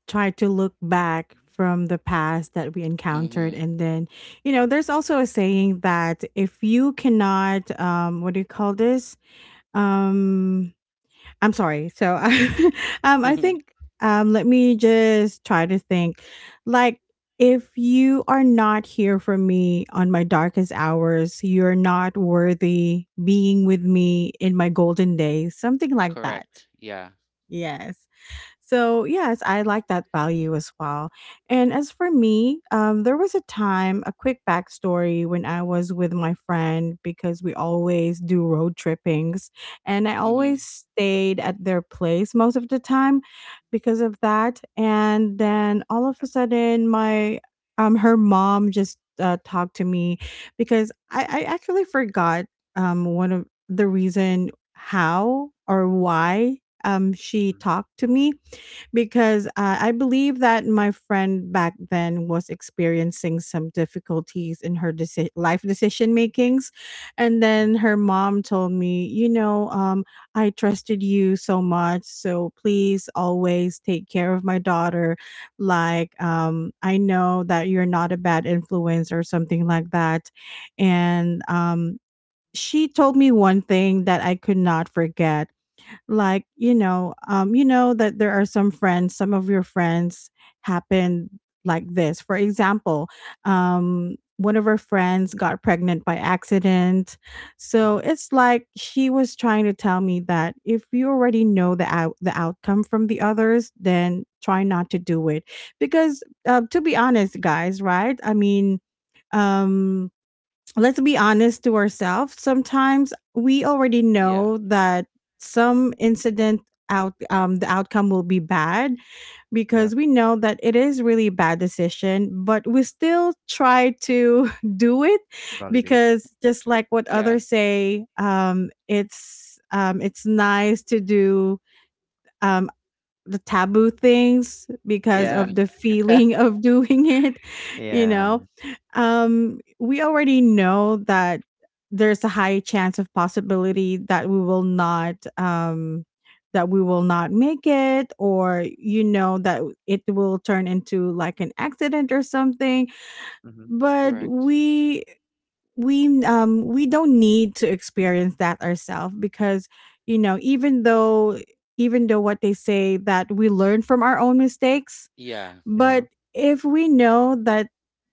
[SPEAKER 1] try to look back from the past that we encountered,
[SPEAKER 2] Mhm.
[SPEAKER 1] and then you know, there's also a saying that if you cannot, what do you call this? Um, I'm sorry. So, I think let me just try to think, like. If you are not here for me on my darkest hours, you're not worthy being with me in my golden days, something like that.
[SPEAKER 2] Correct, yeah.
[SPEAKER 1] Yes. So, yes, I like that value as well. And as for me, there was a time, a quick backstory when I was with my friend because we always do road trippings. And I
[SPEAKER 2] Mhm.
[SPEAKER 1] always stayed at their place most of the time because of that. And then all of a sudden, my her mom just talked to me because I actually forgot one of the reason how or why she
[SPEAKER 3] Mm-hmm.
[SPEAKER 1] talked to me because I believe that my friend back then was experiencing some difficulties in her life decision makings. And then
[SPEAKER 3] Mm-hmm.
[SPEAKER 1] her mom told me, you know, I trusted you so much. So please always take care of my daughter. Like, I know that you're not a bad influence or something like that. And she told me one thing that I could not forget, like you know that there are some friends, some of your friends happen like this. For example, one of her friends got pregnant by accident. So
[SPEAKER 3] Mm-hmm.
[SPEAKER 1] it's like she was trying to tell me that if you already know the the outcome from the others, then try not to do it, because to be honest, guys, right? I mean um let's be honest to ourselves. Sometimes we already
[SPEAKER 2] Yeah.
[SPEAKER 1] know that some incident, out the outcome will be bad
[SPEAKER 3] Yeah.
[SPEAKER 1] because we know that it is really bad decision, but we still try to do it,
[SPEAKER 3] Validate.
[SPEAKER 1] because just like what
[SPEAKER 2] Yeah.
[SPEAKER 1] others say, it's nice to do um the taboo things because
[SPEAKER 3] Yeah.
[SPEAKER 1] of
[SPEAKER 2] Mhm.
[SPEAKER 1] the feeling of doing it, you
[SPEAKER 3] Yeah.
[SPEAKER 1] know. We already know that there's a high chance of possibility that we will not, that we will not make it, or you know that it will turn into like an accident or something.
[SPEAKER 3] Mm-hmm.
[SPEAKER 1] But
[SPEAKER 2] Correct.
[SPEAKER 1] we, we don't need to experience that ourselves because, you know, even though what they say that we learn from our own mistakes,
[SPEAKER 2] Yeah.
[SPEAKER 3] Yeah.
[SPEAKER 1] but if we know that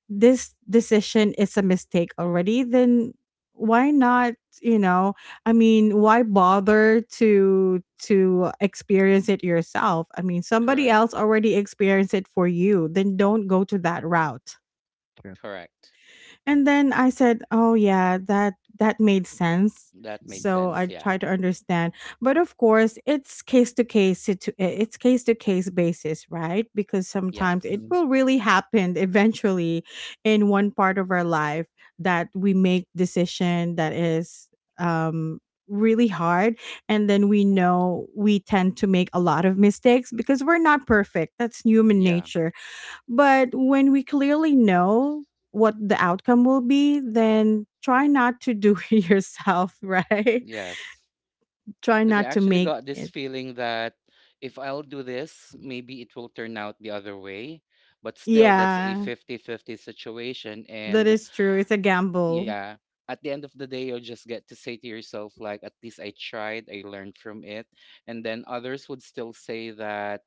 [SPEAKER 1] this decision is a mistake already, then why not, you know? I mean, why bother to experience it yourself? I mean, somebody
[SPEAKER 2] Correct.
[SPEAKER 1] else already experienced it for you, then don't go to that route.
[SPEAKER 3] True.
[SPEAKER 2] Correct.
[SPEAKER 1] And then I said, "Oh yeah, that that made sense."
[SPEAKER 2] That made
[SPEAKER 1] So
[SPEAKER 2] sense,
[SPEAKER 1] I
[SPEAKER 2] yeah.
[SPEAKER 1] try to understand, but of course, it's case to case, it's case to case basis, right? Because
[SPEAKER 2] Yes.
[SPEAKER 1] sometimes it
[SPEAKER 3] Mm-hmm.
[SPEAKER 1] will really happen eventually in one part of our life that we make decision that is um really hard, and then we know we tend to make a lot of mistakes because we're not perfect. That's human
[SPEAKER 2] Yeah.
[SPEAKER 1] nature. But when we clearly know what the outcome will be, then try not to do it yourself, right?
[SPEAKER 2] Yes.
[SPEAKER 1] Try
[SPEAKER 2] Because I
[SPEAKER 1] not to
[SPEAKER 2] actually
[SPEAKER 1] make
[SPEAKER 2] got this
[SPEAKER 1] it.
[SPEAKER 2] feeling that if I'll do this, maybe it will turn out the other way. But still, that's a
[SPEAKER 1] Yeah,
[SPEAKER 2] 50-50 situation.
[SPEAKER 1] that
[SPEAKER 2] And
[SPEAKER 1] is true. It's a gamble.
[SPEAKER 2] yeah, at the end of the day, you'll just get to say to yourself, like, at least I tried, I learned from it. And then others would still say that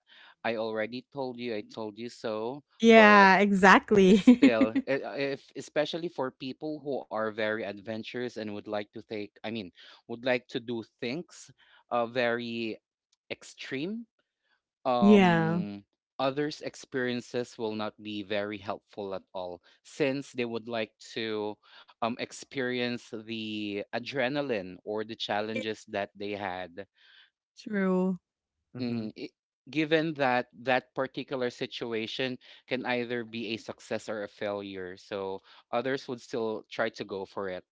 [SPEAKER 2] I already told you, I told you so. But
[SPEAKER 1] Yeah, exactly.
[SPEAKER 2] still, if especially for people who are very adventurous and would like to take, I mean, would like to do things very extreme,
[SPEAKER 1] Yeah,
[SPEAKER 2] um others experiences will not be very helpful at all since they would like to experience the adrenaline or the challenges that they had.
[SPEAKER 1] true.
[SPEAKER 3] Mm-hmm.
[SPEAKER 2] Mm, i- Given that that particular situation can either be a success or a failure, so others would still try to go for it.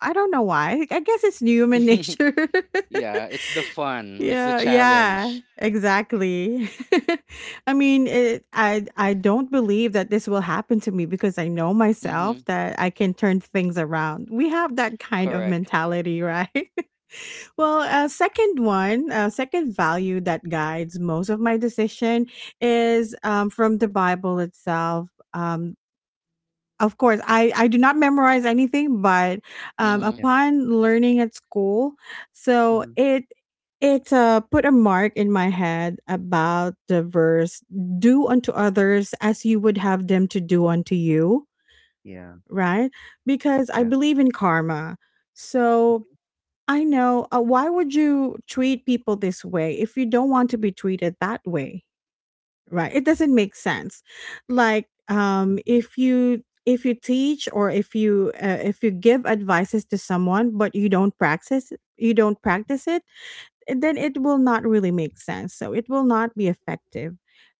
[SPEAKER 1] I don't know why. I guess it's human nature.
[SPEAKER 2] Yeah, it's the fun, it's the
[SPEAKER 1] Yeah, yeah,
[SPEAKER 2] challenge.
[SPEAKER 1] exactly. I mean, it, I don't believe that this will happen to me because I know
[SPEAKER 2] Mm-hmm.
[SPEAKER 1] myself that I can turn things around. We have that kind of
[SPEAKER 2] Correct.
[SPEAKER 1] mentality, right? Well, second value that guides most of my decision is from the Bible itself. Of course, I do not memorize anything, but
[SPEAKER 2] Mm-hmm.
[SPEAKER 3] Yeah.
[SPEAKER 1] upon learning at school, so
[SPEAKER 3] Mm-hmm.
[SPEAKER 1] it it uh, put a mark in my head about the verse, do unto others as you would have them to do unto you,
[SPEAKER 3] Yeah.
[SPEAKER 1] right? Because I
[SPEAKER 3] Yeah.
[SPEAKER 1] believe in karma. So I know, why would you treat people this way if you don't want to be treated that way, right? It doesn't make sense. Like,
[SPEAKER 3] Mm-hmm.
[SPEAKER 1] if you, if you teach, or if you if you give advices to someone but you don't practice, you don't practice it then it will not really make sense, so it will not be effective.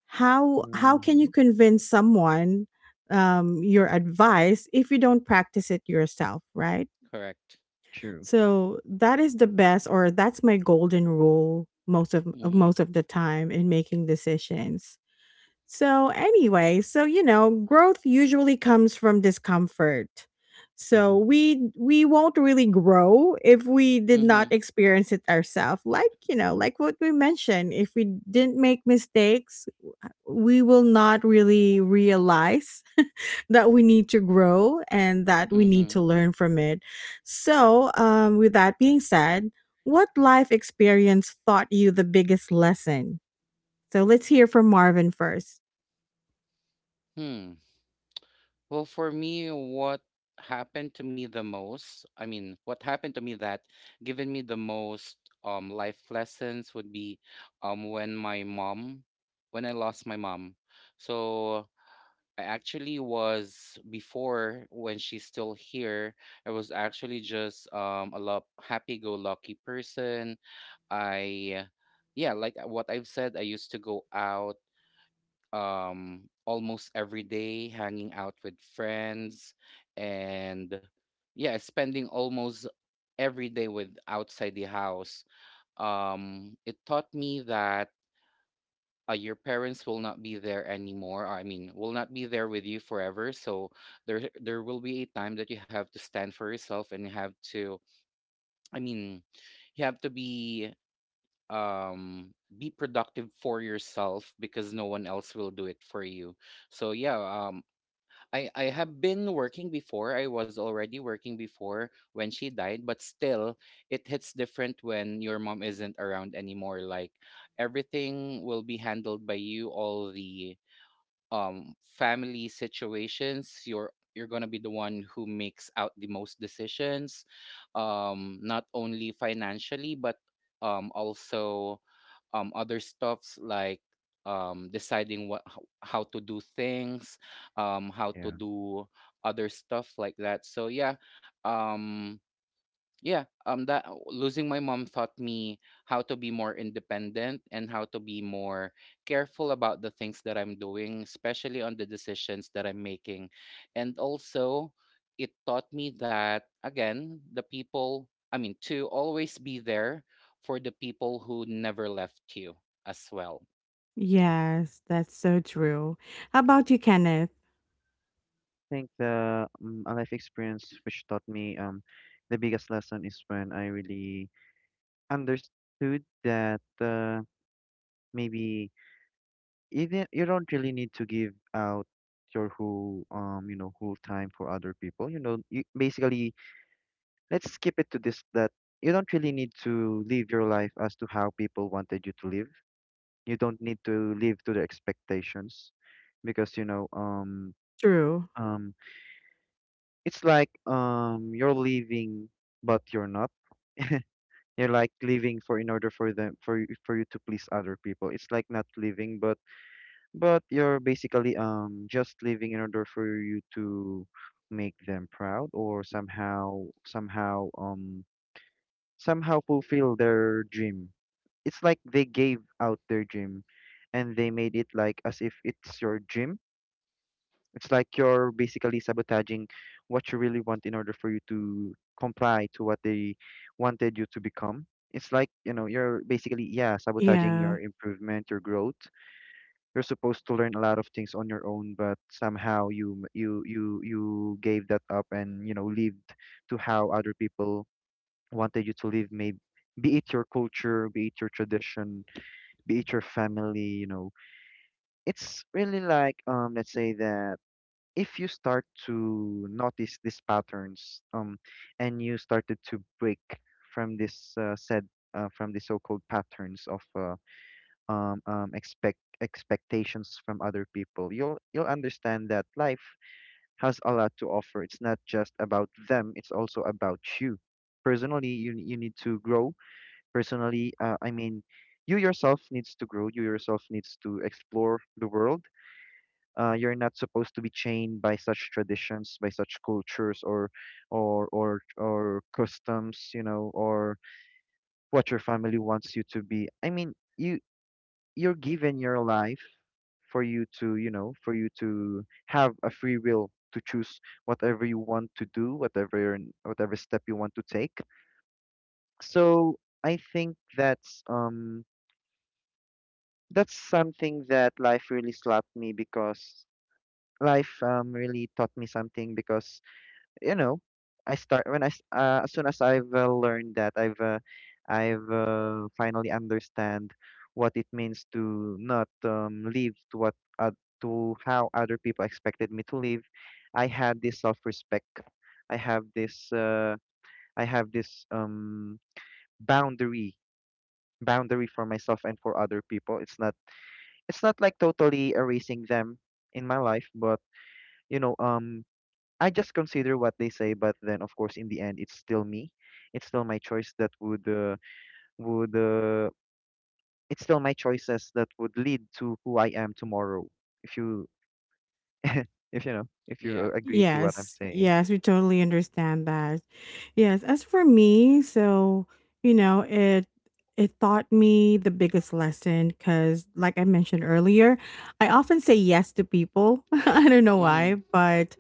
[SPEAKER 1] How can you
[SPEAKER 3] Mm-hmm.
[SPEAKER 1] convince someone your advice if you don't practice it yourself, right?
[SPEAKER 2] Correct.
[SPEAKER 3] True.
[SPEAKER 1] So that is the best, or that's my golden rule most of
[SPEAKER 2] Mm-hmm.
[SPEAKER 1] the time in making decisions. So, anyway, so you know, growth usually comes from discomfort. So,
[SPEAKER 3] Mm-hmm.
[SPEAKER 1] we won't really grow if we did
[SPEAKER 2] Mm-hmm.
[SPEAKER 1] not experience it ourselves. Like what we mentioned, if we didn't make mistakes, we will not really realize that we need to grow and that we need
[SPEAKER 2] Mm-hmm.
[SPEAKER 1] to learn from it. With that being said, what life experience taught you the biggest lesson? So let's hear from Marvin first.
[SPEAKER 2] Hmm. Well, for me, what happened to me the most, I mean, what happened to me that given me the most life lessons would be um when my mom, when I lost my mom. So I actually was before when she's still here, I was actually just a lot happy-go-lucky person. I Yeah, like what I've said, I used to go out almost every day, hanging out with friends, and yeah, spending almost every day with outside the house. It taught me that your parents will not be there anymore. I mean, will not be there with you forever. So there will be a time that you have to stand for yourself and you have to. I mean, you have to um be productive for yourself because no one else will do it for you. So yeah, um. I have been working before. I was already working before when she died, but still it hits different when your mom isn't around anymore. Like everything will be handled by you, all the family situations. You're going to be the one who makes out the most decisions, not only financially but also other stuffs like deciding what how to do things, how to
[SPEAKER 3] Yeah.
[SPEAKER 2] do other stuff like that. So yeah, um yeah, that losing my mom taught me how to be more independent and how to be more careful about the things that I'm doing, especially on the decisions that I'm making. And also it taught me that again, the people, I mean, to always be there for the people who never left you as well.
[SPEAKER 1] Yes, that's so true. How about you, Kenneth?
[SPEAKER 3] think the a life experience which taught me the biggest lesson is when I really understood that maybe even you don't really need to give out your whole whole time for other people. Basically, let's skip it to this, that you don't really need to live your life as to how people wanted you to live. You don't need to live to their expectations because
[SPEAKER 1] True.
[SPEAKER 3] um it's like you're leaving but you're not. You're like leaving for in order for them for for you to please other people. It's like not leaving, but you're basically just leaving in order for you to make them proud or somehow fulfill their dream. It's like they gave out their dream and they made it like as if it's your dream. It's like you're basically sabotaging what you really want in order for you to comply to what they wanted you to become. It's like, you know, you're basically, yeah, sabotaging
[SPEAKER 1] Yeah.
[SPEAKER 3] your improvement, your growth. You're supposed to learn a lot of things on your own, but somehow you gave that up and, you know, lived to how other people wanted you to live, maybe be it your culture, be it your tradition, be it your family, you know. It's really like let's say that if you start to notice these patterns, and you started to break from this said from the so-called patterns of expectations from other people, you'll understand that life has a lot to offer. It's not just about them, it's also about you personally. You need to grow personally, you yourself needs to grow, you yourself needs to explore the world. You're not supposed to be chained by such traditions, by such cultures, or customs, you know, or what your family wants you to be. I mean, you're given your life for you to, you know, for you to have a free will to choose whatever you want to do, whatever step you want to take. So I think that's something that life really slapped me because life really taught me something because you know, I start when I s- as soon as I've learned that I've finally understand what it means to not live to what to how other people expected me to live. I had this self-respect. I have this uh, I have this boundary boundary for myself and for other people. It's not, it's not like totally erasing them in my life, but you know, I just consider what they say, but then of course in the end it's still me. It's still my choice that would it's still my choices that would lead to who I am tomorrow. If you if you know, if you
[SPEAKER 2] Yeah.
[SPEAKER 3] agree to what I'm
[SPEAKER 1] Yes.
[SPEAKER 3] saying.
[SPEAKER 1] Yes, we totally understand that. Yes, as for me, so you know, it taught me the biggest lesson cuz like I mentioned earlier, I often say yes to people. I don't know
[SPEAKER 2] Mhm.
[SPEAKER 1] why, but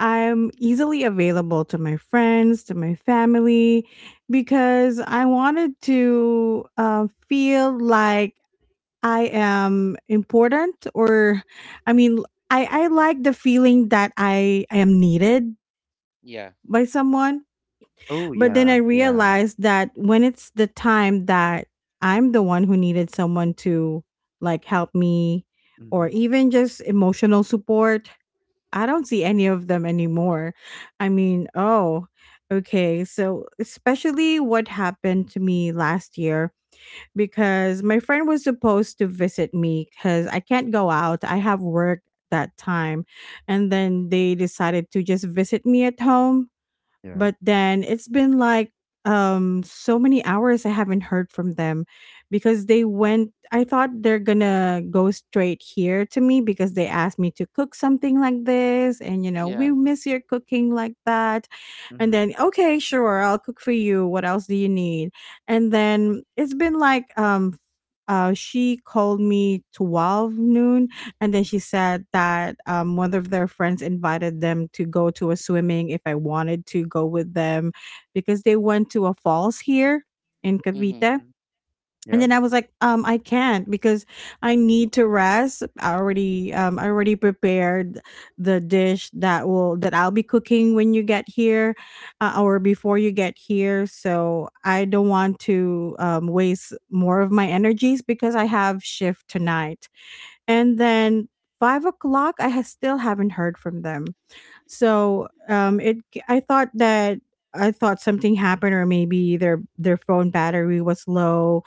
[SPEAKER 1] I'm easily available to my friends, to my family because I wanted to feel like I am important or I mean I like the feeling that I am needed
[SPEAKER 2] Yeah.
[SPEAKER 1] by someone,
[SPEAKER 3] Oh
[SPEAKER 1] but then I
[SPEAKER 3] yeah, yeah.
[SPEAKER 1] realized that when it's the time that I'm the one who needed someone to like help me or
[SPEAKER 3] Mhm.
[SPEAKER 1] even just emotional support, I don't see any of them anymore. I mean, oh, okay. So, especially what happened to me last year because my friend was supposed to visit me because I can't go out. I have work that time. And then they decided to just visit me at home
[SPEAKER 3] Yeah.
[SPEAKER 1] but then it's been like so many hours I haven't heard from them because they went. I thought they're gonna go straight here to me because they asked me to cook something like this and, you know, we
[SPEAKER 2] Yeah.
[SPEAKER 1] miss your cooking like that. And
[SPEAKER 3] Mhm.
[SPEAKER 1] then okay, sure, I'll cook for you. What else do you need? And then it's been like she called me 12 noon and then she said that one of their friends invited them to go to a swimming if I wanted to go with them because they went to a falls here in
[SPEAKER 2] Mhm.
[SPEAKER 1] Cavite.
[SPEAKER 3] Mm.
[SPEAKER 1] And
[SPEAKER 3] Yeah.
[SPEAKER 1] then I was like, I can't because I need to rest. I already prepared the dish that will that I'll be cooking when you get here or before you get here. So I don't want to waste more of my energies because I have shift tonight, and then 5 o'clock still haven't heard from them. So it I thought that I thought something happened or maybe their phone battery was low.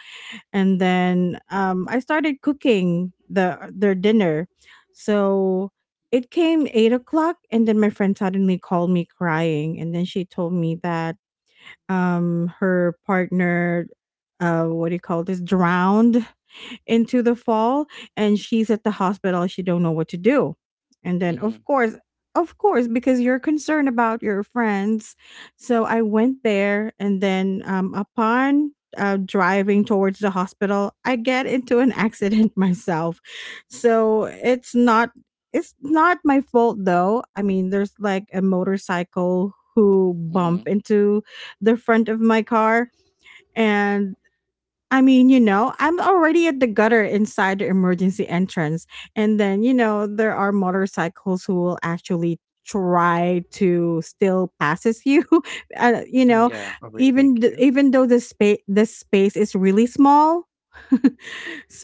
[SPEAKER 1] And then I started cooking the their dinner. So it came 8 o'clock and then my friend suddenly called me crying and then she told me that her partner uh, what do you call this, drowned into the fall, and she's at the hospital, she don't know what to do. And then of
[SPEAKER 2] Mhm.
[SPEAKER 1] course, of course, because you're concerned about your friends, so I went there. And then upon driving towards the hospital, I get into an accident myself. So, it's not my fault though, I mean, there's like a motorcycle who
[SPEAKER 2] Mhm.
[SPEAKER 1] bump into the front of my car. And I mean, you know, I'm already at the gutter inside the emergency entrance. And then, you know, there are motorcycles who will actually try to still passes you. You know,
[SPEAKER 3] Mm.
[SPEAKER 2] Yeah.
[SPEAKER 3] Overtake you.
[SPEAKER 1] even though the space this space is really small.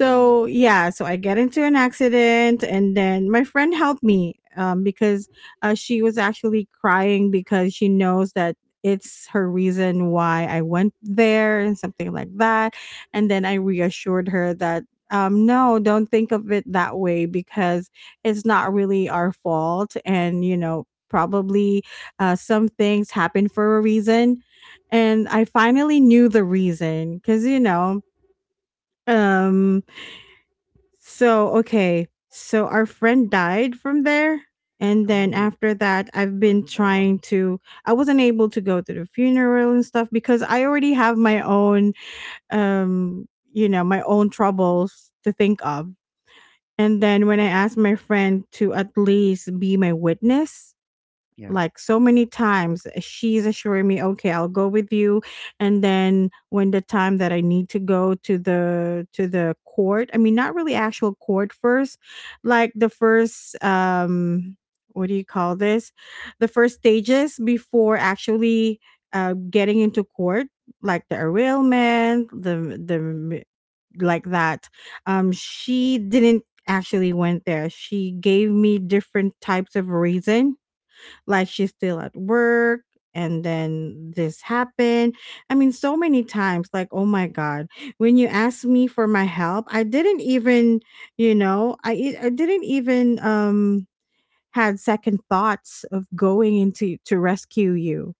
[SPEAKER 2] Mhm.
[SPEAKER 1] yeah, so I get into an accident and then my friend helped me because she was actually crying because she knows that it's her reason why I went there and something like that. And then I reassured her that, no, don't think of it that way because it's not really our fault. And, you know, probably some things happen for a reason. And I finally knew the reason because, you know, um, so, okay. So our friend died from there. And then
[SPEAKER 3] Oh.
[SPEAKER 1] after that,
[SPEAKER 3] Sorry for your loss.
[SPEAKER 1] I wasn't able to go to the funeral and stuff because I already have my own um, you know, my own troubles to think of. And then when I asked my friend to at least be my witness,
[SPEAKER 3] Yeah.
[SPEAKER 1] like so many times, she's assuring me, okay, I'll go with you. And then when the time that I need to go to the court, I mean not really actual court first, like the first what do you call this, the first stages before actually getting into court, like the arraignment, the like that. She didn't actually went there, she gave me different types of reason, like she's still at work, and then this happened. I mean, so many times like oh my god, when you asked me for my help, I didn't even, you know, i didn't even had second thoughts of going into to rescue you.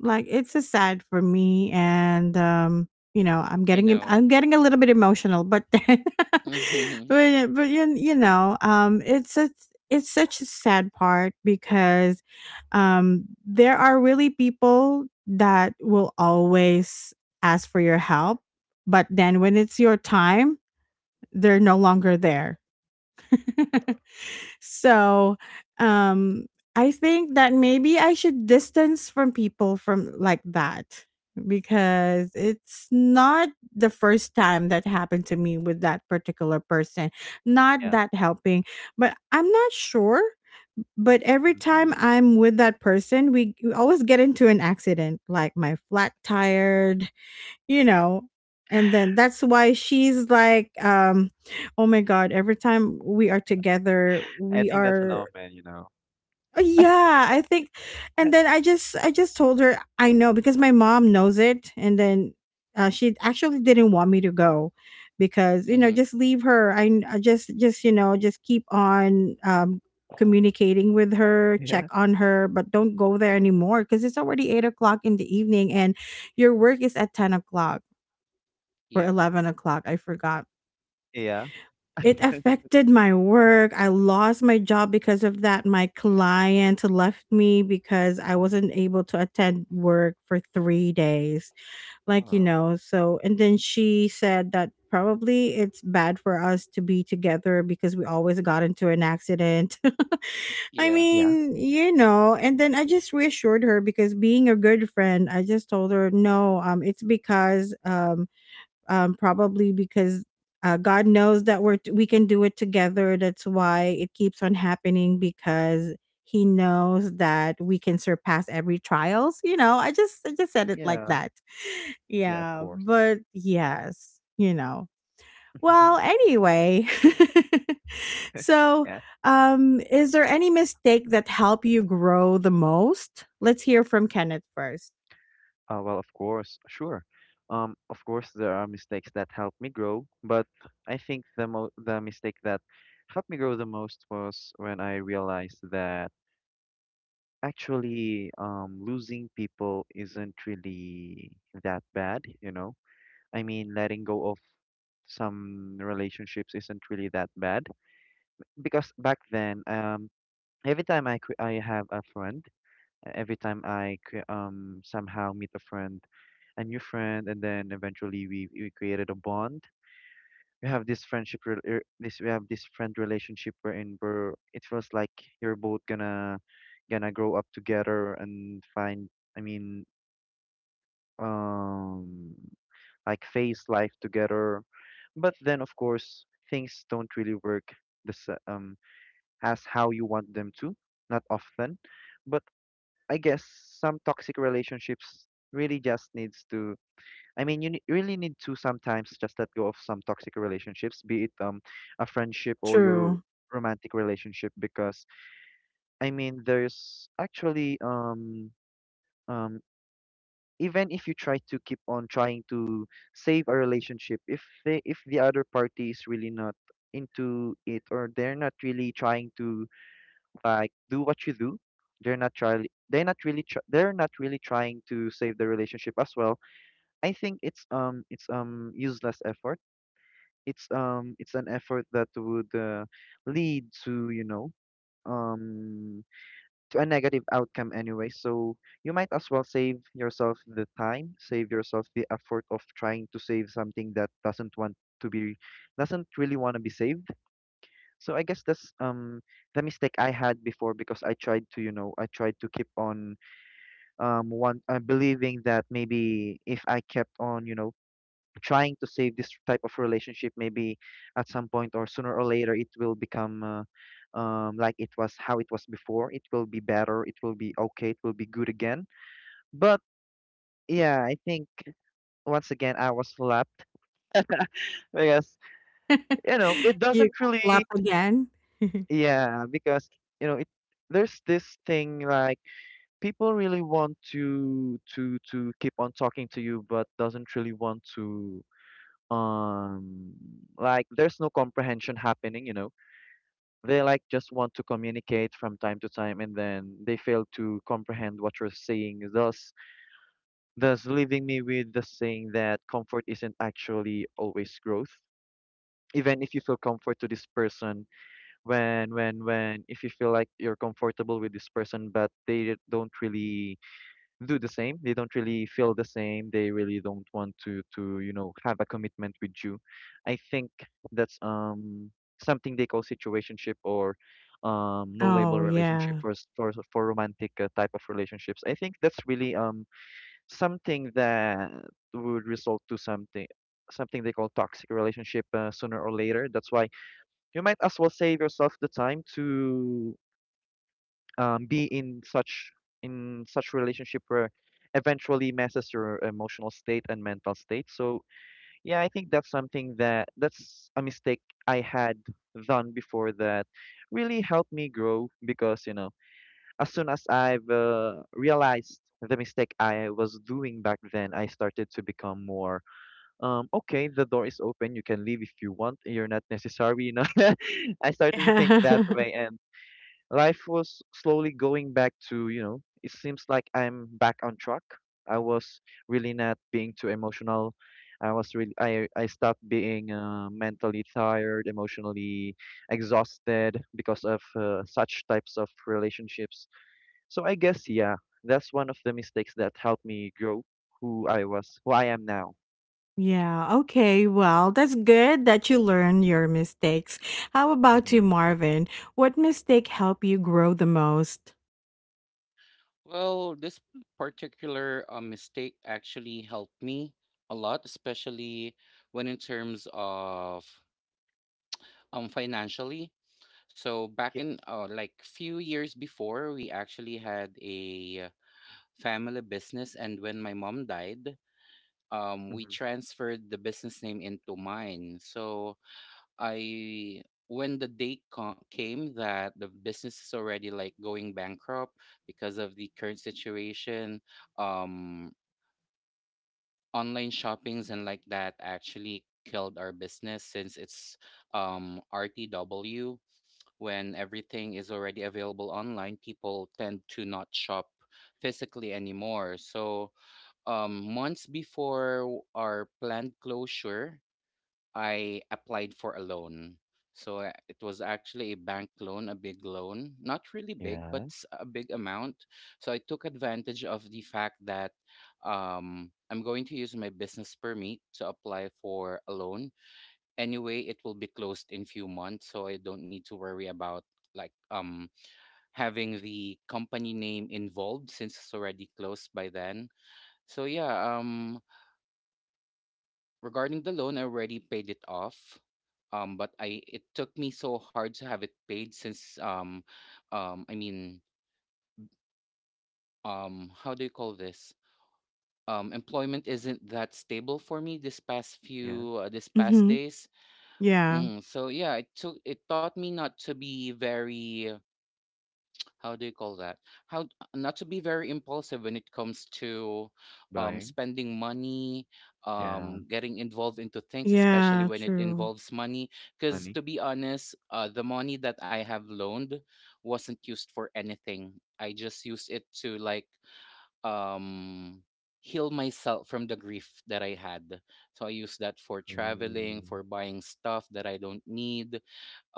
[SPEAKER 1] Like, it's just sad for me and, you know,
[SPEAKER 2] I know.
[SPEAKER 1] I'm getting a little bit emotional, but then
[SPEAKER 2] Mhm.
[SPEAKER 1] you you know, it's such a sad part because, there are really people that will always ask for your help, but then when it's your time, they're no longer there. So, um, I think that maybe I should distance from people from like that because it's not the first time that happened to me with that particular person. Not
[SPEAKER 3] Yeah.
[SPEAKER 1] that helping, but I'm not sure. But every time
[SPEAKER 3] Mhm.
[SPEAKER 1] I'm with that person, we always get into an accident, like my flat tire, you know. And then that's why she's like, oh my god, every time we are together
[SPEAKER 3] I
[SPEAKER 1] we
[SPEAKER 3] think that's an
[SPEAKER 1] are.
[SPEAKER 3] old man, you know.
[SPEAKER 1] Yeah I think. And then i just told her I know because my mom knows it. And then she actually didn't want me to go because, you know,
[SPEAKER 2] Mhm.
[SPEAKER 1] just leave her, I just you know, just keep on communicating with her, check
[SPEAKER 3] Yeah.
[SPEAKER 1] on her, but don't go there anymore because it's already 8 o'clock in the evening and your work is at 10 o'clock or
[SPEAKER 2] Yeah.
[SPEAKER 1] 11 o'clock. I forgot.
[SPEAKER 3] Yeah.
[SPEAKER 1] It affected my work. I lost my job because of that. My client left me because I
[SPEAKER 3] Mhm.
[SPEAKER 1] wasn't able to attend work for 3 days. Like, you
[SPEAKER 3] Oh.
[SPEAKER 1] know, so, and then she said that probably it's bad for us to be together because we always got into an accident. I
[SPEAKER 2] Yeah.
[SPEAKER 3] Yeah.
[SPEAKER 1] mean, you know, and then I just reassured her because being a good friend, I just told her, no, it's because probably because God knows that we can do it together. That's why it keeps on happening because He knows that we can surpass every trials. You know, I just said it like
[SPEAKER 3] Yeah.
[SPEAKER 1] that.
[SPEAKER 3] Yeah, of
[SPEAKER 1] Yeah,
[SPEAKER 3] course.
[SPEAKER 1] but yes, you know. Well,
[SPEAKER 3] Mhm.
[SPEAKER 1] anyway, so
[SPEAKER 3] Yeah.
[SPEAKER 1] is there any mistake that help you grow the most? Let's hear from Kenneth first.
[SPEAKER 3] Well, of course, sure. Of course, there are mistakes that helped me grow, but I think the mistake that helped me grow the most was when I realized that actually, losing people isn't really that bad, you know? I mean, letting go of some relationships isn't really that bad because back then, every time I have a friend, every time somehow meet a new friend, and then eventually we created a bond. We have this this we have this friend relationship wherein we're it feels like you're both gonna grow up together and find, I mean, um, like face life together. But then of course things don't really work this as how you want them to, not often. But I guess some toxic relationships really just needs to, I mean, really need to sometimes just let go of some toxic relationships, be it a friendship or your
[SPEAKER 1] True.
[SPEAKER 3] romantic relationship, because I mean, there's actually um even if you try to keep on trying to save a relationship, if the other party is really not into it or they're not really trying to like do what you do, they're not really trying to save the relationship as well. I think it's useless effort, it's an effort that would lead to, you know, um to a negative outcome anyway. So you might as well save yourself the time, save yourself the effort of trying to save something that doesn't want to be, doesn't really want to be saved. So I guess that's the mistake I had before because I tried to, you know, I tried to keep on one believing that maybe if I kept on, you know, trying to save this type of relationship, maybe at some point or sooner or later it will become like it was, how it was before. It will be better, it will be okay, it will be good again. But yeah, I think once again I was slapped because you know it
[SPEAKER 1] You
[SPEAKER 3] doesn't
[SPEAKER 1] got
[SPEAKER 3] really,
[SPEAKER 1] slapped again.
[SPEAKER 3] yeah, because you know it there's this thing like people really want to keep on talking to you but doesn't really want to, um like there's no comprehension happening, you know. They like just want to communicate from time to time and then they fail to comprehend what you're saying, thus leaving me with the saying that comfort isn't actually always growth. Even if you feel comfort to this person, when if you feel like you're comfortable with this person but they don't really do the same. They don't really feel the same. They really don't want to you know have a commitment with you. I think that's something they call situationship or no label
[SPEAKER 1] Oh,
[SPEAKER 3] relationship
[SPEAKER 1] yeah.
[SPEAKER 3] for for romantic type of relationships. I think that's really something that would result to something, something they call toxic relationship sooner or later. That's why you might as well save yourself the time to be in such, in such relationship where eventually messes your emotional state and mental state. So yeah, I think that's something that, that's a mistake I had done before that really helped me grow because, you know, as soon as I've realized the mistake I was doing back then, I started to become more okay. The door is open. You can leave if you want. You're not necessary. You know, I started to think that way. And life was slowly going back to, you know, it seems like I'm back on track. I was really not being too emotional. I was really, I stopped being mentally tired, emotionally exhausted because of such types of relationships. So I guess yeah, that's one of the mistakes that helped me grow who I was, who I am now.
[SPEAKER 1] Yeah, okay. Well, that's good that you learn your mistakes. How about you,
[SPEAKER 3] Mm-hmm.
[SPEAKER 1] Marvin? What mistake helped you grow the most?
[SPEAKER 2] Well, this particular mistake actually helped me a lot, especially when in terms of financially. So back
[SPEAKER 3] Yeah.
[SPEAKER 2] in like few years before, we actually had a family business, and when my mom died, we
[SPEAKER 3] Hmm.
[SPEAKER 2] transferred the business name into mine. So I. When the date came that the business is already like going bankrupt because of the current situation, um online shoppings and like that actually killed our business since it's, RTW. When everything is already available online, people tend to not shop physically anymore. So months before our planned closure, I applied for a loan. So it was actually a bank loan, a big loan, not really big, but
[SPEAKER 3] Yeah,
[SPEAKER 2] a big amount. So I took advantage of the fact that I'm going to use my business permit to apply for a loan. Anyway, it will be closed in few months, so I don't need to worry about like having the company name involved since it's already closed by then. So yeah, regarding the loan, I already paid it off. But I it took me so hard to have it paid since I mean, how do you call this? Employment isn't that stable for me this past
[SPEAKER 3] yeah.
[SPEAKER 2] few this past
[SPEAKER 1] Mm-hmm.
[SPEAKER 2] days.
[SPEAKER 1] Yeah.
[SPEAKER 2] Mm, so yeah, it took it taught me not to be very, how do you call that, how, not to be very impulsive when it comes to
[SPEAKER 3] Buying.
[SPEAKER 2] spending money,
[SPEAKER 3] Yeah.
[SPEAKER 2] getting involved into things, especially
[SPEAKER 1] Yeah,
[SPEAKER 2] when it
[SPEAKER 1] true.
[SPEAKER 2] involves money. Because
[SPEAKER 3] Money.
[SPEAKER 2] to be honest, the money that I have loaned wasn't used for anything. I just used it to like um, heal myself from the grief that I had. So I used that for traveling,
[SPEAKER 3] Ooh.
[SPEAKER 2] for buying stuff that I don't need,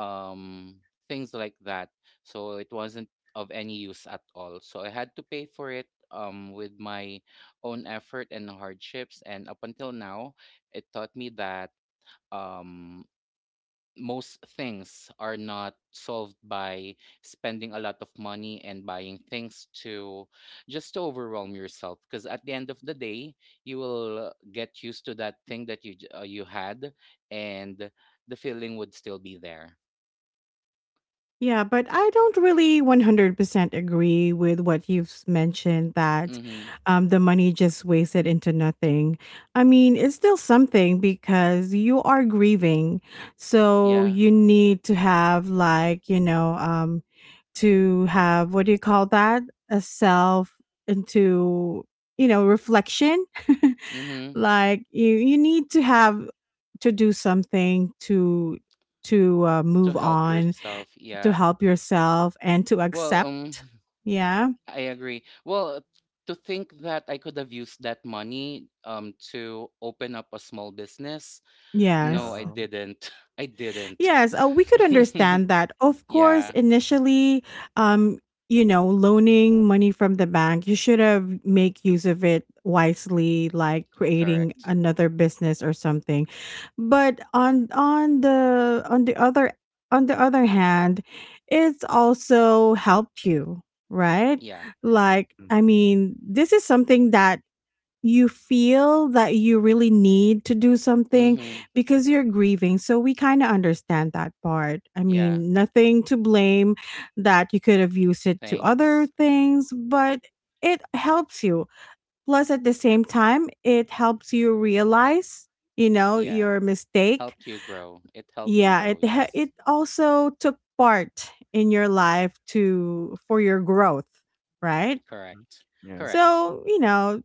[SPEAKER 2] um, things like that. So it wasn't of any use at all. So I had to pay for it, with my own effort and hardships. And up until now, it taught me that um, most things are not solved by spending a lot of money and buying things to just to overwhelm yourself. Because at the end of the day, you will get used to that thing that you you had, and the feeling would still be there.
[SPEAKER 1] Yeah, but I don't really 100% agree with what you've mentioned that
[SPEAKER 2] Mm-hmm.
[SPEAKER 1] the money just wasted into nothing. I mean, it's still something because you are grieving. So
[SPEAKER 2] Yeah.
[SPEAKER 1] you need to have, like, you know, to have, what do you call that, a self into, you know, reflection.
[SPEAKER 2] Mm-hmm.
[SPEAKER 1] Like you need to have to do something to
[SPEAKER 2] To
[SPEAKER 1] move
[SPEAKER 2] help
[SPEAKER 1] on,
[SPEAKER 2] yourself.
[SPEAKER 1] to
[SPEAKER 2] Yeah.
[SPEAKER 1] help yourself and to
[SPEAKER 2] Well,
[SPEAKER 1] accept. Yeah.
[SPEAKER 2] I agree. Well, to think that I could have used that money to open up a small business. No,
[SPEAKER 1] Yes.
[SPEAKER 2] I
[SPEAKER 3] Yeah.
[SPEAKER 2] didn't. I didn't.
[SPEAKER 1] Yes, we could understand that. Of
[SPEAKER 2] Yeah,
[SPEAKER 1] course, initially, um, you know, loaning money from the bank, you should have make use of it wisely, like creating
[SPEAKER 2] correct.
[SPEAKER 1] another business or something. But on the other, on the other hand, it's also helped you, right?
[SPEAKER 2] Yeah.
[SPEAKER 1] Like, I
[SPEAKER 3] Mm-hmm.
[SPEAKER 1] mean, this is something that you feel that you really need to do something
[SPEAKER 2] Mm-hmm.
[SPEAKER 1] because you're grieving. So we kind of understand that part. I
[SPEAKER 2] Yeah.
[SPEAKER 1] mean, nothing to blame that you could have used it to other
[SPEAKER 2] Thanks.
[SPEAKER 1] things, but it helps you. Plus, at the same time, it helps you realize, you know,
[SPEAKER 2] Yeah.
[SPEAKER 1] your mistake.
[SPEAKER 2] Helped you grow. It helped me
[SPEAKER 1] Yeah,
[SPEAKER 2] grow, yes.
[SPEAKER 1] it also took part in your life to for your growth, right?
[SPEAKER 3] Mhm.
[SPEAKER 2] Correct.
[SPEAKER 3] Yeah.
[SPEAKER 2] Correct.
[SPEAKER 1] So, you know,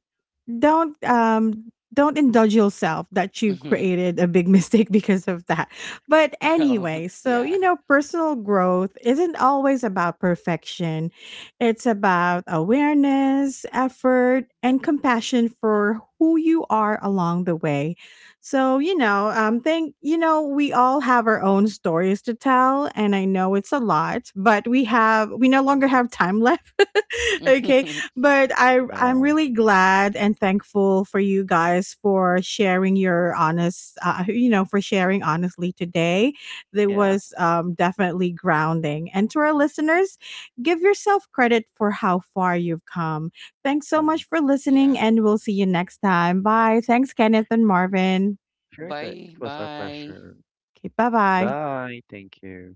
[SPEAKER 1] don't indulge yourself that you created a big mistake because of that. But
[SPEAKER 2] Well,
[SPEAKER 1] anyway, so
[SPEAKER 2] yeah.
[SPEAKER 1] you know, personal growth isn't always about perfection. It's about awareness, effort, and compassion for who you are along the way. So, you know, you know, we all have our own stories to tell and I know it's a lot, but we no longer have time left. Okay. But I'm
[SPEAKER 3] Um,
[SPEAKER 1] really glad and thankful for you guys for sharing your honest, you know, for sharing honestly today. That
[SPEAKER 3] yeah,
[SPEAKER 1] was definitely grounding. And to our listeners, give yourself credit for how far you've come. Thanks so
[SPEAKER 3] true.
[SPEAKER 1] much for listening,
[SPEAKER 2] Yeah.
[SPEAKER 1] and we'll see you next time. Bye. Thanks, Kenneth and Marvin.
[SPEAKER 3] Sure, it
[SPEAKER 2] Bye.
[SPEAKER 3] was our
[SPEAKER 2] Bye.
[SPEAKER 3] pleasure.
[SPEAKER 1] Okay, bye bye.
[SPEAKER 3] Bye. Thank you.